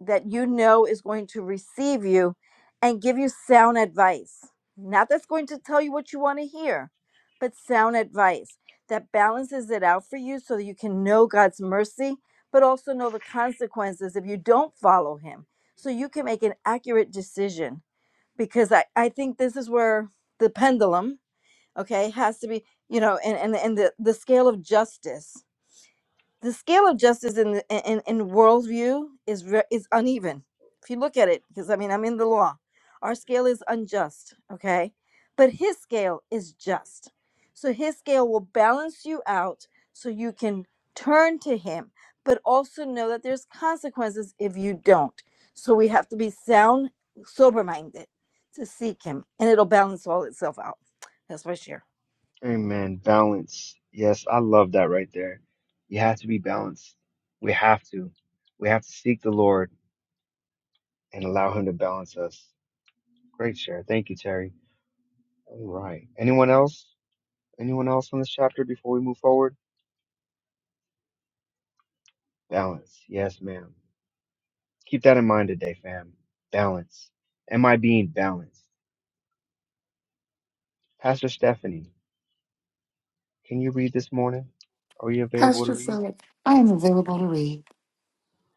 that you know is going to receive you and give you sound advice. Not that's going to tell you what you want to hear, but sound advice that balances it out for you so that you can know God's mercy, but also know the consequences if you don't follow Him. So you can make an accurate decision. Because I, I think this is where the pendulum okay it has to be you know and and, and the, the scale of justice the scale of justice in the, in in worldview is re- is uneven if you look at it because i mean i'm in the law our scale is unjust okay but his scale is just so his scale will balance you out so you can turn to him but also know that there's consequences if you don't so we have to be sound sober minded to seek him and it'll balance all itself out that's my share Amen. Balance. Yes, I love that right there. You have to be balanced. We have to. We have to seek the Lord and allow Him to balance us. Great share. Thank you, Terry. All right. Anyone else? Anyone else on this chapter before we move forward? Balance. Yes, ma'am. Keep that in mind today, fam. Balance. Am I being balanced? Pastor Stephanie, can you read this morning? Are you available to Pastor read? Philip, I am available to read,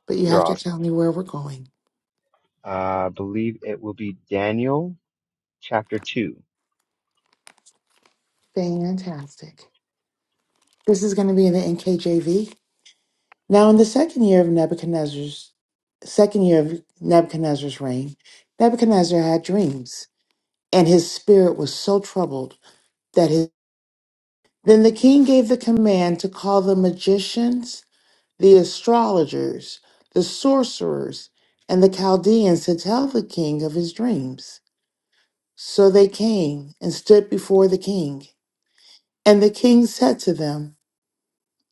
but you You're have to tell awesome. me where we're going. I believe it will be Daniel chapter 2. Fantastic. This is going to be in the NKJV. Now, in the second year of Nebuchadnezzar's second year of Nebuchadnezzar's reign, Nebuchadnezzar had dreams, and his spirit was so troubled that his then the king gave the command to call the magicians the astrologers, the sorcerers, and the Chaldeans to tell the king of his dreams. So they came and stood before the king. And the king said to them,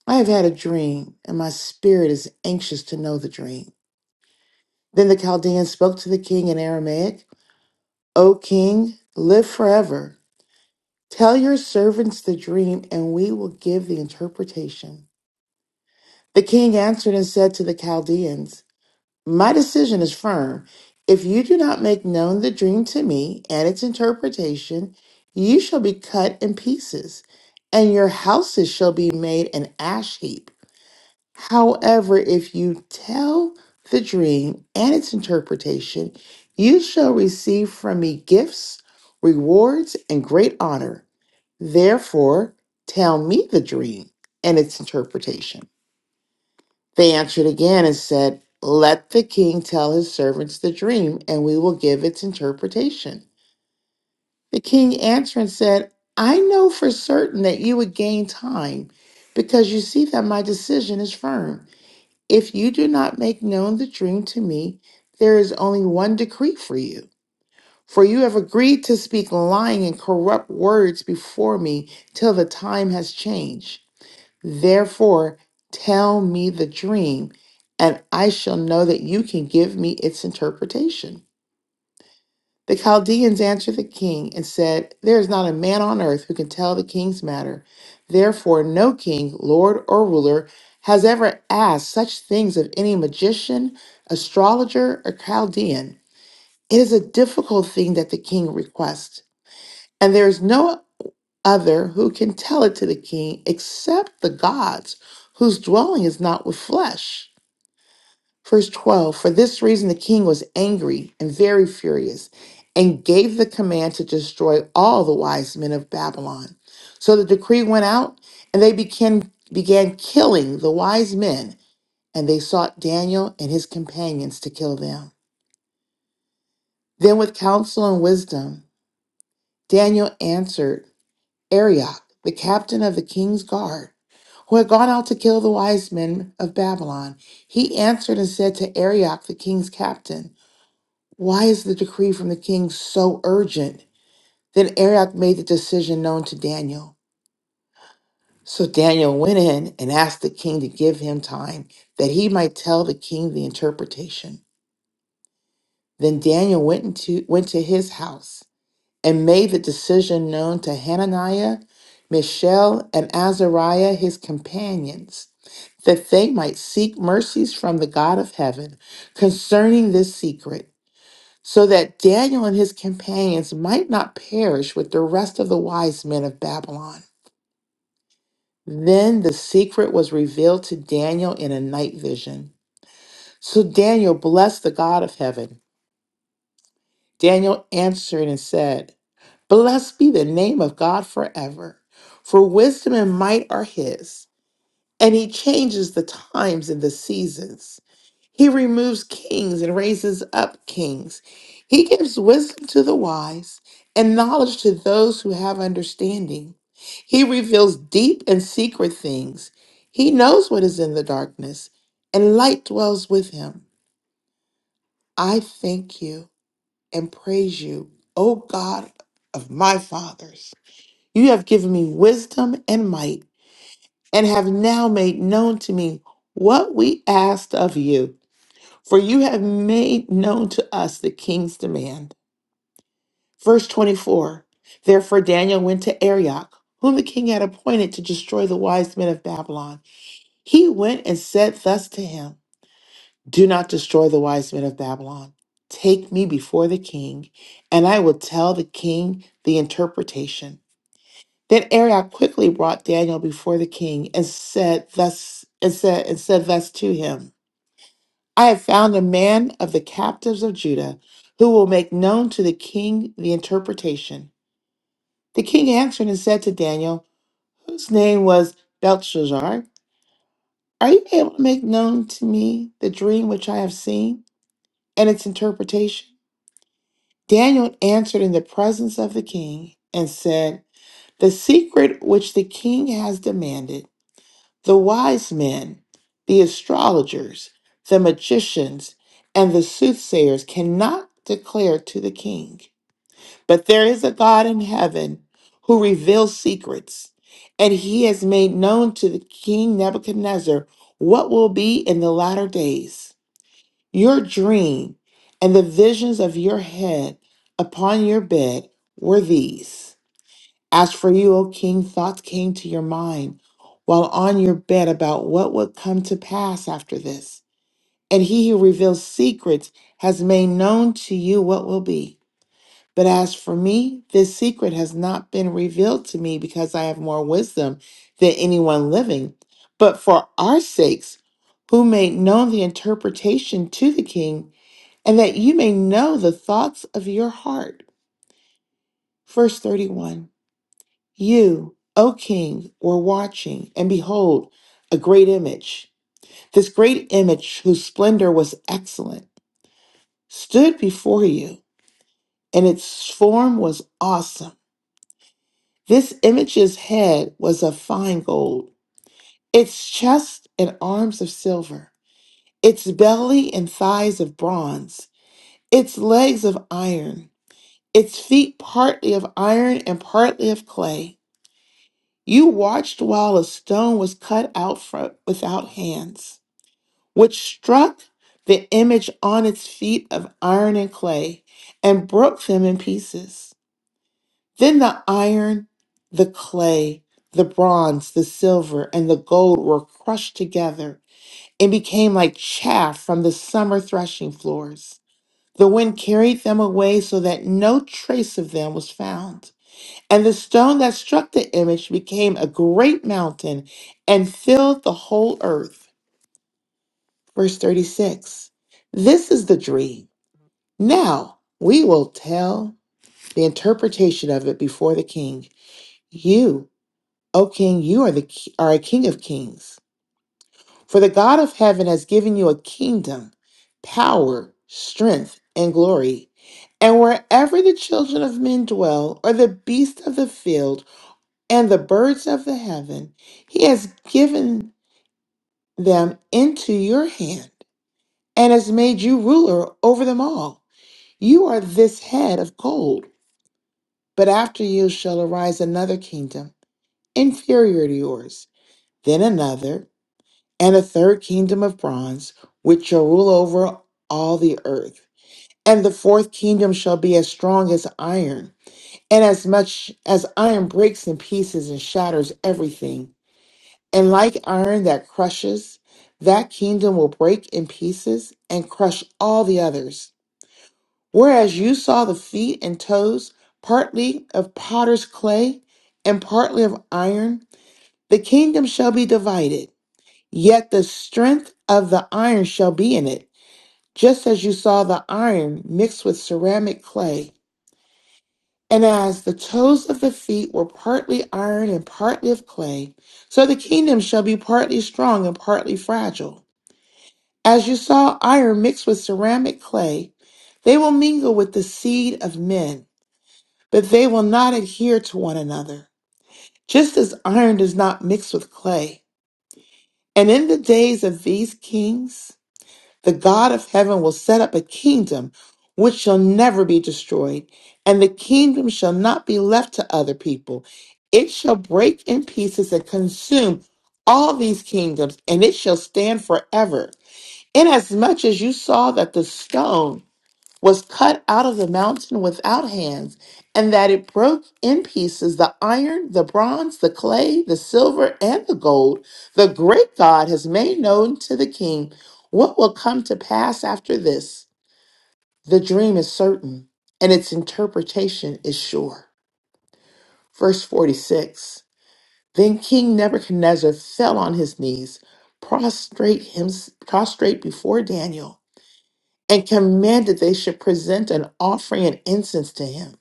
I have had a dream, and my spirit is anxious to know the dream. Then the Chaldeans spoke to the king in Aramaic, O king, live forever. Tell your servants the dream, and we will give the interpretation. The king answered and said to the Chaldeans, My decision is firm. If you do not make known the dream to me and its interpretation, you shall be cut in pieces, and your houses shall be made an ash heap. However, if you tell the dream and its interpretation, you shall receive from me gifts, rewards, and great honor. Therefore, tell me the dream and its interpretation. They answered again and said, Let the king tell his servants the dream, and we will give its interpretation. The king answered and said, I know for certain that you would gain time, because you see that my decision is firm. If you do not make known the dream to me, there is only one decree for you. For you have agreed to speak lying and corrupt words before me till the time has changed. Therefore, tell me the dream, and I shall know that you can give me its interpretation. The Chaldeans answered the king and said, There is not a man on earth who can tell the king's matter. Therefore, no king, lord, or ruler has ever asked such things of any magician, astrologer, or Chaldean. It is a difficult thing that the king requests, and there is no other who can tell it to the king except the gods whose dwelling is not with flesh. Verse 12 For this reason the king was angry and very furious and gave the command to destroy all the wise men of Babylon. So the decree went out and they began, began killing the wise men and they sought Daniel and his companions to kill them. Then with counsel and wisdom, Daniel answered Arioch, the captain of the king's guard, who had gone out to kill the wise men of Babylon. He answered and said to Arioch, the king's captain, Why is the decree from the king so urgent? Then Arioch made the decision known to Daniel. So Daniel went in and asked the king to give him time that he might tell the king the interpretation. Then Daniel went into went to his house. and made the decision known to Hananiah, Mishael, and Azariah, his companions, that they might seek mercies from the God of heaven concerning this secret, so that Daniel and his companions might not perish with the rest of the wise men of Babylon. Then the secret was revealed to Daniel in a night vision. So Daniel blessed the God of heaven. Daniel answered and said, Blessed be the name of God forever, for wisdom and might are His, and He changes the times and the seasons. He removes kings and raises up kings. He gives wisdom to the wise and knowledge to those who have understanding. He reveals deep and secret things. He knows what is in the darkness, and light dwells with him. I thank you and praise you, O God of my fathers. You have given me wisdom and might, and have now made known to me what we asked of you. For you have made known to us the king's demand. Verse 24 Therefore Daniel went to Arioch, whom the king had appointed to destroy the wise men of Babylon. He went and said thus to him Do not destroy the wise men of Babylon. Take me before the king, and I will tell the king the interpretation. Then Arioch quickly brought Daniel before the king and said thus and said and said thus to him, I have found a man of the captives of Judah who will make known to the king the interpretation. The king answered and said to Daniel, whose name was Belshazzar, Are you able to make known to me the dream which I have seen and its interpretation? Daniel answered in the presence of the king and said, The secret which the king has demanded. the wise men, the astrologers, the magicians, and the soothsayers cannot declare to the king. But there is a God in heaven who reveals secrets, and he has made known to the king Nebuchadnezzar what will be in the latter days. Your dream and the visions of your head upon your bed were these. As for you, O king, thoughts came to your mind while on your bed about what would come to pass after this. And he who reveals secrets has made known to you what will be. But as for me, this secret has not been revealed to me because I have more wisdom than anyone living. But for our sakes, who made known the interpretation to the king, and that you may know the thoughts of your heart. Verse 31. You, O king, were watching, and behold, a great image. This great image, whose splendor was excellent, stood before you, and its form was awesome. This image's head was of fine gold, its chest and arms of silver, its belly and thighs of bronze, its legs of iron, its feet partly of iron and partly of clay. You watched while a stone was cut out from without hands, which struck the image on its feet of iron and clay and broke them in pieces. Then the iron, the clay, the bronze, the silver, and the gold were crushed together and became like chaff from the summer threshing floors. The wind carried them away so that no trace of them was found. And the stone that struck the image became a great mountain and filled the whole earth. Verse 36 This is the dream. Now we will tell the interpretation of it before the king. You, O king, you are, the, ki- are a king of kings. For the God of heaven has given you a kingdom, power, strength, and glory. And wherever the children of men dwell, or the beasts of the field, and the birds of the heaven. He has given them into your hand and has made you ruler over them all. You are this head of gold, but after you shall arise another kingdom, inferior to yours, then another, and a third kingdom of bronze, which shall rule over all the earth. And the fourth kingdom shall be as strong as iron, and as much as iron breaks in pieces and shatters everything. And like iron that crushes, that kingdom will break in pieces and crush all the others. Whereas you saw the feet and toes, partly of potter's clay and partly of iron, the kingdom shall be divided. Yet the strength of the iron shall be in it, just as you saw the iron mixed with ceramic clay. And as the toes of the feet were partly iron and partly of clay, so the kingdom shall be partly strong and partly fragile. As you saw iron mixed with ceramic clay, they will mingle with the seed of men, but they will not adhere to one another, just as iron does not mix with clay. And in the days of these kings, the God of heaven will set up a kingdom which shall never be destroyed, and the kingdom shall not be left to other people. It shall break in pieces and consume all these kingdoms, and it shall stand forever. Inasmuch as you saw that the stone was cut out of the mountain without hands, and that it broke in pieces the iron, the bronze, the clay, the silver, and the gold, the great God has made known to the king what will come to pass after this. The dream is certain, and its interpretation is sure. Verse 46 Then King Nebuchadnezzar fell on his knees, prostrate, him, prostrate before Daniel and commanded they should present an offering and incense to him.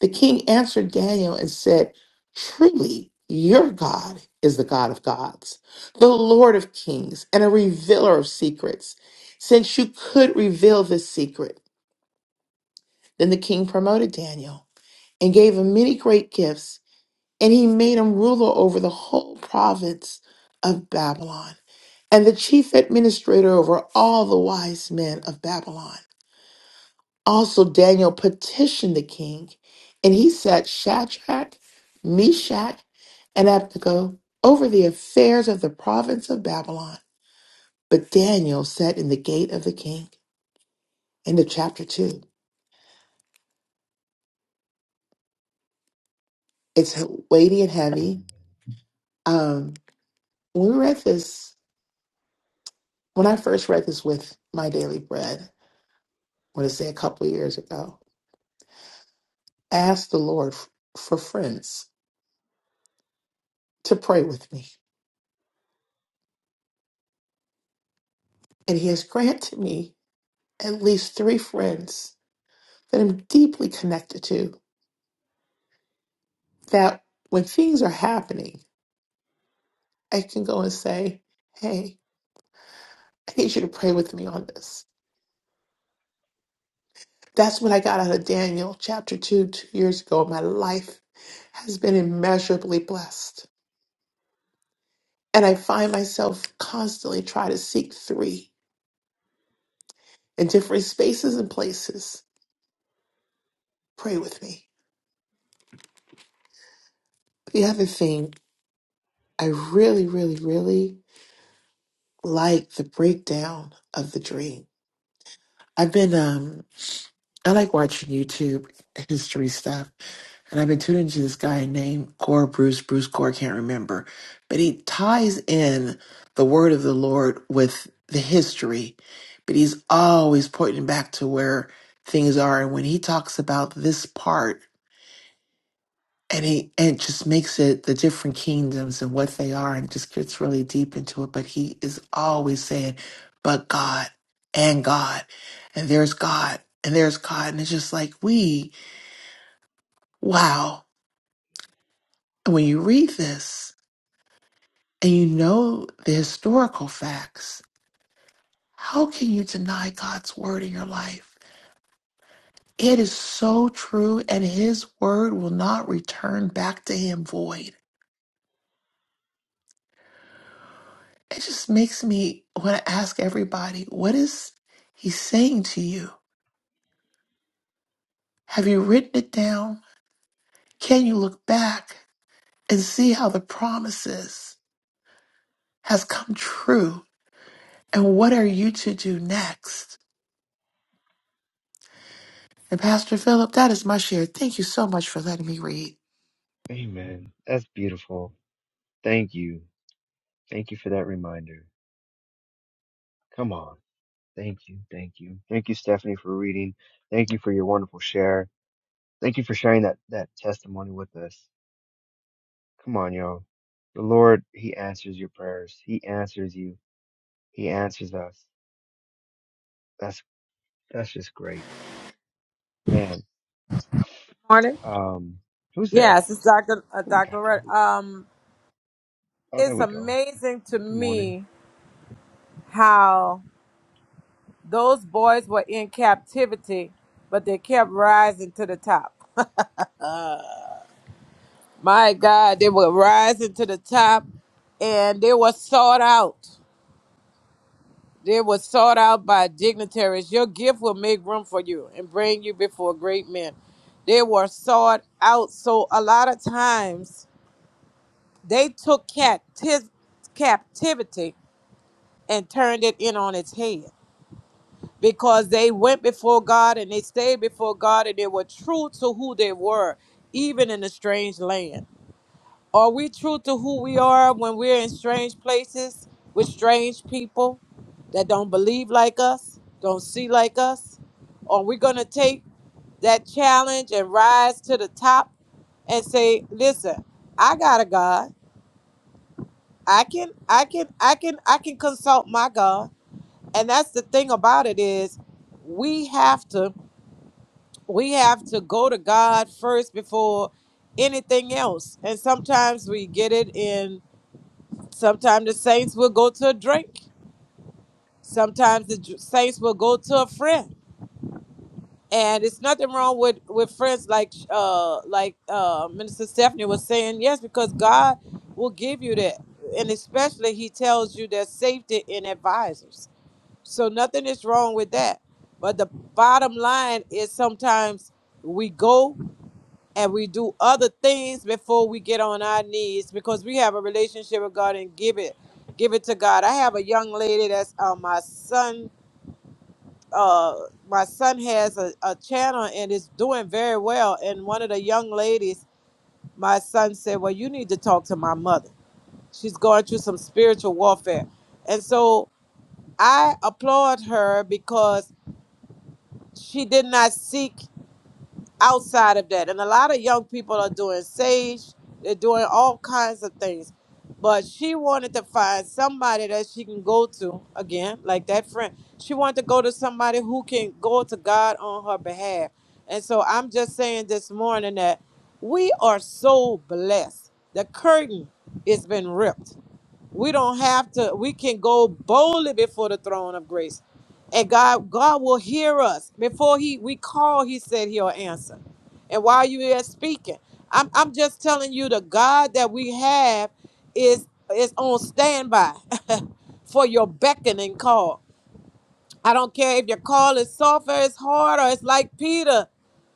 The king answered Daniel and said, Truly, your God is the God of gods, the Lord of kings, and a revealer of secrets, since you could reveal this secret. Then the king promoted Daniel and gave him many great gifts, and he made him ruler over the whole province of Babylon and the chief administrator over all the wise men of Babylon. Also, Daniel petitioned the king, and he set Shadrach, Meshach, and Abednego over the affairs of the province of Babylon. But Daniel sat in the gate of the king. End of chapter two. It's weighty and heavy. Um, when we read this, when I first read this with my daily bread, I want to say a couple of years ago, I asked the Lord f- for friends to pray with me, and He has granted me at least three friends that I'm deeply connected to, that when things are happening, I can go and say, Hey, I need you to pray with me on this. That's what I got out of Daniel chapter 2 two years ago. My life has been immeasurably blessed. And I find myself constantly trying to seek three in different spaces and places. Pray with me. The other thing, I really, really, really like the breakdown of the dream. I've been um. I like watching YouTube history stuff, and I've been tuning to this guy named Core Bruce. Bruce Core can't remember, but he ties in the word of the Lord with the history, but he's always pointing back to where things are. And when he talks about this part, and he and just makes it the different kingdoms and what they are, and just gets really deep into it. But he is always saying, "But God and God, and there's God." And there's God, and it's just like we Wow. And When you read this and you know the historical facts, how can you deny God's word in your life? It is so true, and his word will not return back to him void. It just makes me want to ask everybody what is he saying to you? Have you written it down? Can you look back and see how the promises has come true? And what are you to do next? And Pastor Philip, that is my share. Thank you so much for letting me read. Amen. That's beautiful. Thank you. Thank you for that reminder. Come on. Thank you. Thank you. Thank you, Stephanie, for reading. Thank you for your wonderful share. Thank you for sharing that, that testimony with us. Come on, y'all. The Lord, He answers your prayers. He answers you He answers us. That's that's just great, man. morning. Um, who's there? Yes, it's Dr. Uh, Who we got Dr. there? Red. Who- we Um, got? Oh, there it's we go. amazing to Good morning. me how those boys were in captivity, but they kept rising to the top. My God, they were rising to the top and they were sought out. They were sought out by dignitaries. Your gift will make room for you and bring you before great men. They were sought out. So a lot of times they took capti- captivity and turned it in on its head because they went before God and they stayed before God and they were true to who they were, even in a strange land. Are we true to who we are when we're in strange places with strange people that don't believe like us, don't see like us? Are we going to take that challenge and rise to the top and say, "Listen, I got a God. I can I can I can I can consult my God." And that's the thing about it is we have to we have to go to God first before anything else. And sometimes we get it in Sometimes the saints will go to a drink. Sometimes the ju- saints will go to a friend. And it's nothing wrong with, with friends like uh like uh Minister Stephanie was saying, yes, because God will give you that. And especially he tells you there's safety in advisors. So nothing is wrong with that. But the bottom line is sometimes we go and we do other things before we get on our knees because we have a relationship with God and give it give it to God. I have a young lady that's uh, my son uh my son has a, a channel and is doing very well and one of the young ladies my son said well you need to talk to my mother she's going through some spiritual warfare and so i applaud her because she did not seek outside of that. And a lot of young people are doing sage, they're doing all kinds of things. But she wanted to find somebody that she can go to again, like that friend. She wanted to go to somebody who can go to God on her behalf. And so I'm just saying this morning that we are so blessed. The curtain has been ripped we don't have to, we can go boldly before the throne of grace. And God, God will hear us. Before He we call, He said He'll answer. And while you are speaking, I'm I'm just telling you the God that we have is is on standby for your beckoning call. I don't care if your call is soft or it's hard or it's like Peter.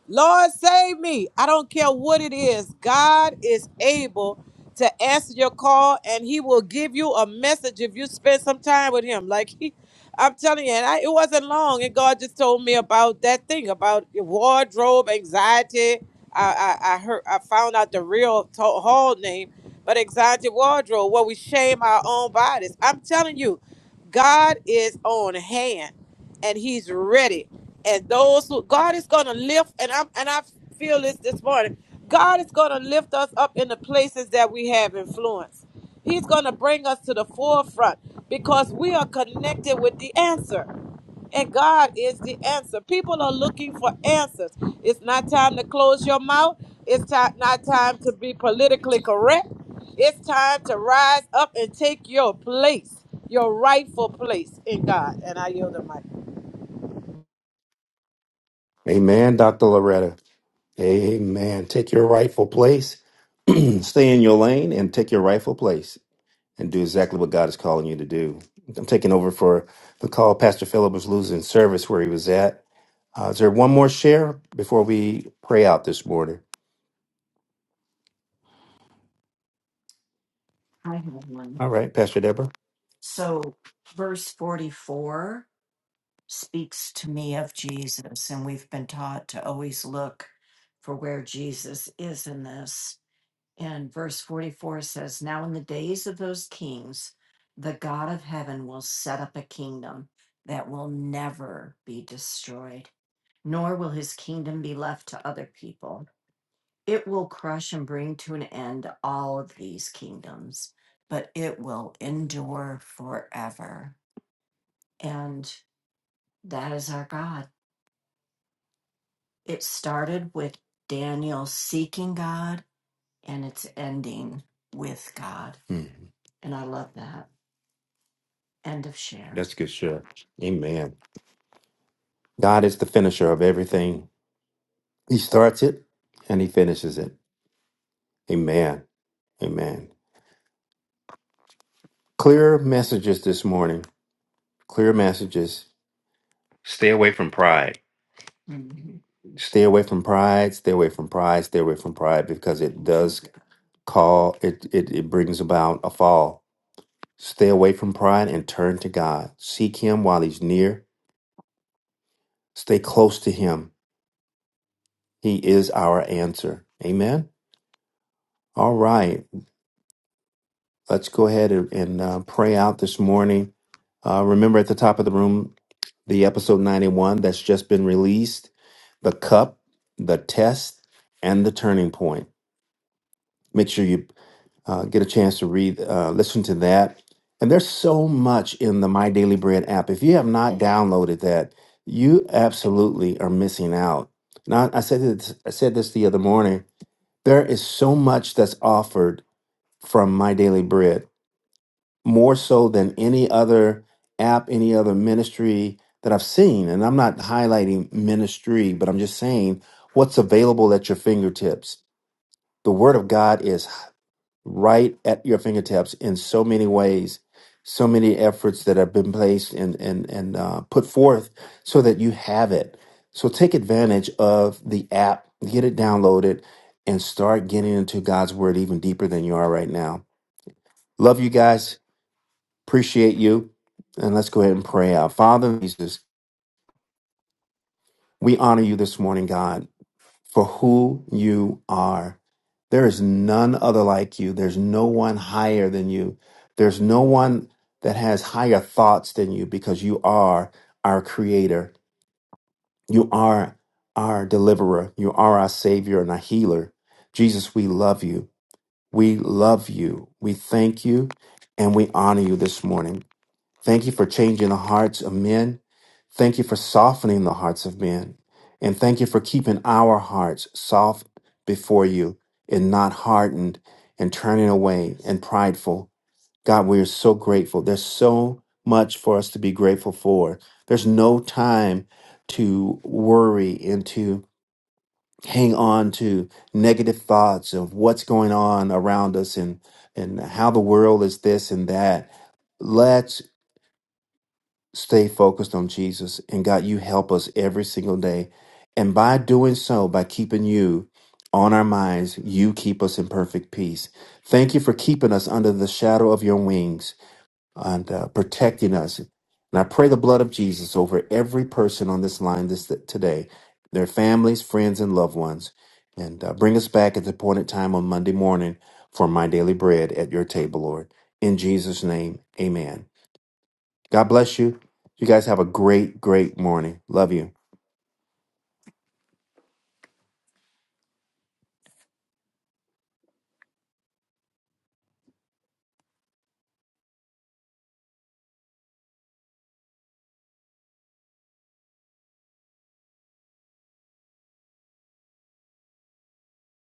Lord, save me. I don't care what it is. God is able to answer your call and he will give you a message if you spend some time with him. Like he, I'm telling you, and I, it wasn't long. And God just told me about that thing about your wardrobe anxiety. I, I, I heard, I found out the real to- hall name, but anxiety wardrobe, where we shame our own bodies. I'm telling you, God is on hand and he's ready and those who God is going to lift and I and I feel this this morning. God is going to lift us up in the places that we have influence. He's going to bring us to the forefront because we are connected with the answer. And God is the answer. People are looking for answers. It's not time to close your mouth. It's ti- not time to be politically correct. It's time to rise up and take your place, your rightful place in God. And I yield the mic. Amen, Dr. Loretta. Amen. Take your rightful place, stay in your lane, and take your rightful place and do exactly what God is calling you to do. I'm taking over for the call. Pastor Philip was losing service where he was at. Uh, is there one more share before we pray out this morning? All right, Pastor Deborah. Mhm. That's a good share. Amen. God is the finisher of everything. He starts it and he finishes it. Amen. Amen. Clear messages this morning. Clear messages. Stay away from pride. Stay away from pride. Stay away from pride. Stay away from pride because it does call it. It, it brings about a fall. Stay away from pride and turn to God. Seek Him while He's near. Stay close to Him. He is our answer. Amen. All right. Let's go ahead and, and uh, pray out this morning. Uh, remember at the top of the room, the episode 91 that's just been released, the cup, the test, and the turning point. Make sure you uh, get a chance to read, uh, listen to that. And there's so much in the My Daily Bread app. If you have not downloaded that, you absolutely are missing out. Now, I said this, I said this the other morning. There is so much that's offered from My Daily Bread, more so than any other app, any other ministry that I've seen. And I'm not highlighting ministry, but I'm just saying what's available at your fingertips. The Word of God is right at your fingertips in so many ways, so many efforts that have been placed and and and uh, put forth so that you have it. So take advantage of the app, get it downloaded, and start getting into God's word even deeper than you are right now. Love you guys, appreciate you, and let's go ahead and pray out. Father Jesus, we honor you this morning, God. for who you are. There is none other like you. There's no one higher than you. There's no one that has higher thoughts than you because you are our creator. You are our deliverer. You are our savior and our healer. Jesus, we love you. We love you. We thank you and we honor you this morning. Thank you for changing the hearts of men. Thank you for softening the hearts of men. And thank you for keeping our hearts soft before you and not hardened and turning away and prideful. God, we are so grateful. There's so much for us to be grateful for. There's no time to worry and to hang on to negative thoughts of what's going on around us and, and how the world is this and that stay focused on Jesus. And God, you help us every single day. And by doing so, by keeping you on our minds, you keep us in perfect peace. Thank you for keeping us under the shadow of your wings and uh, protecting us. And I pray the blood of Jesus over every person on this line this today, their families, friends, and loved ones. And uh, bring us back at the appointed time on Monday morning for my daily bread at your table, Lord. In Jesus' name, amen. God bless you. You guys have a great, great morning. Love you.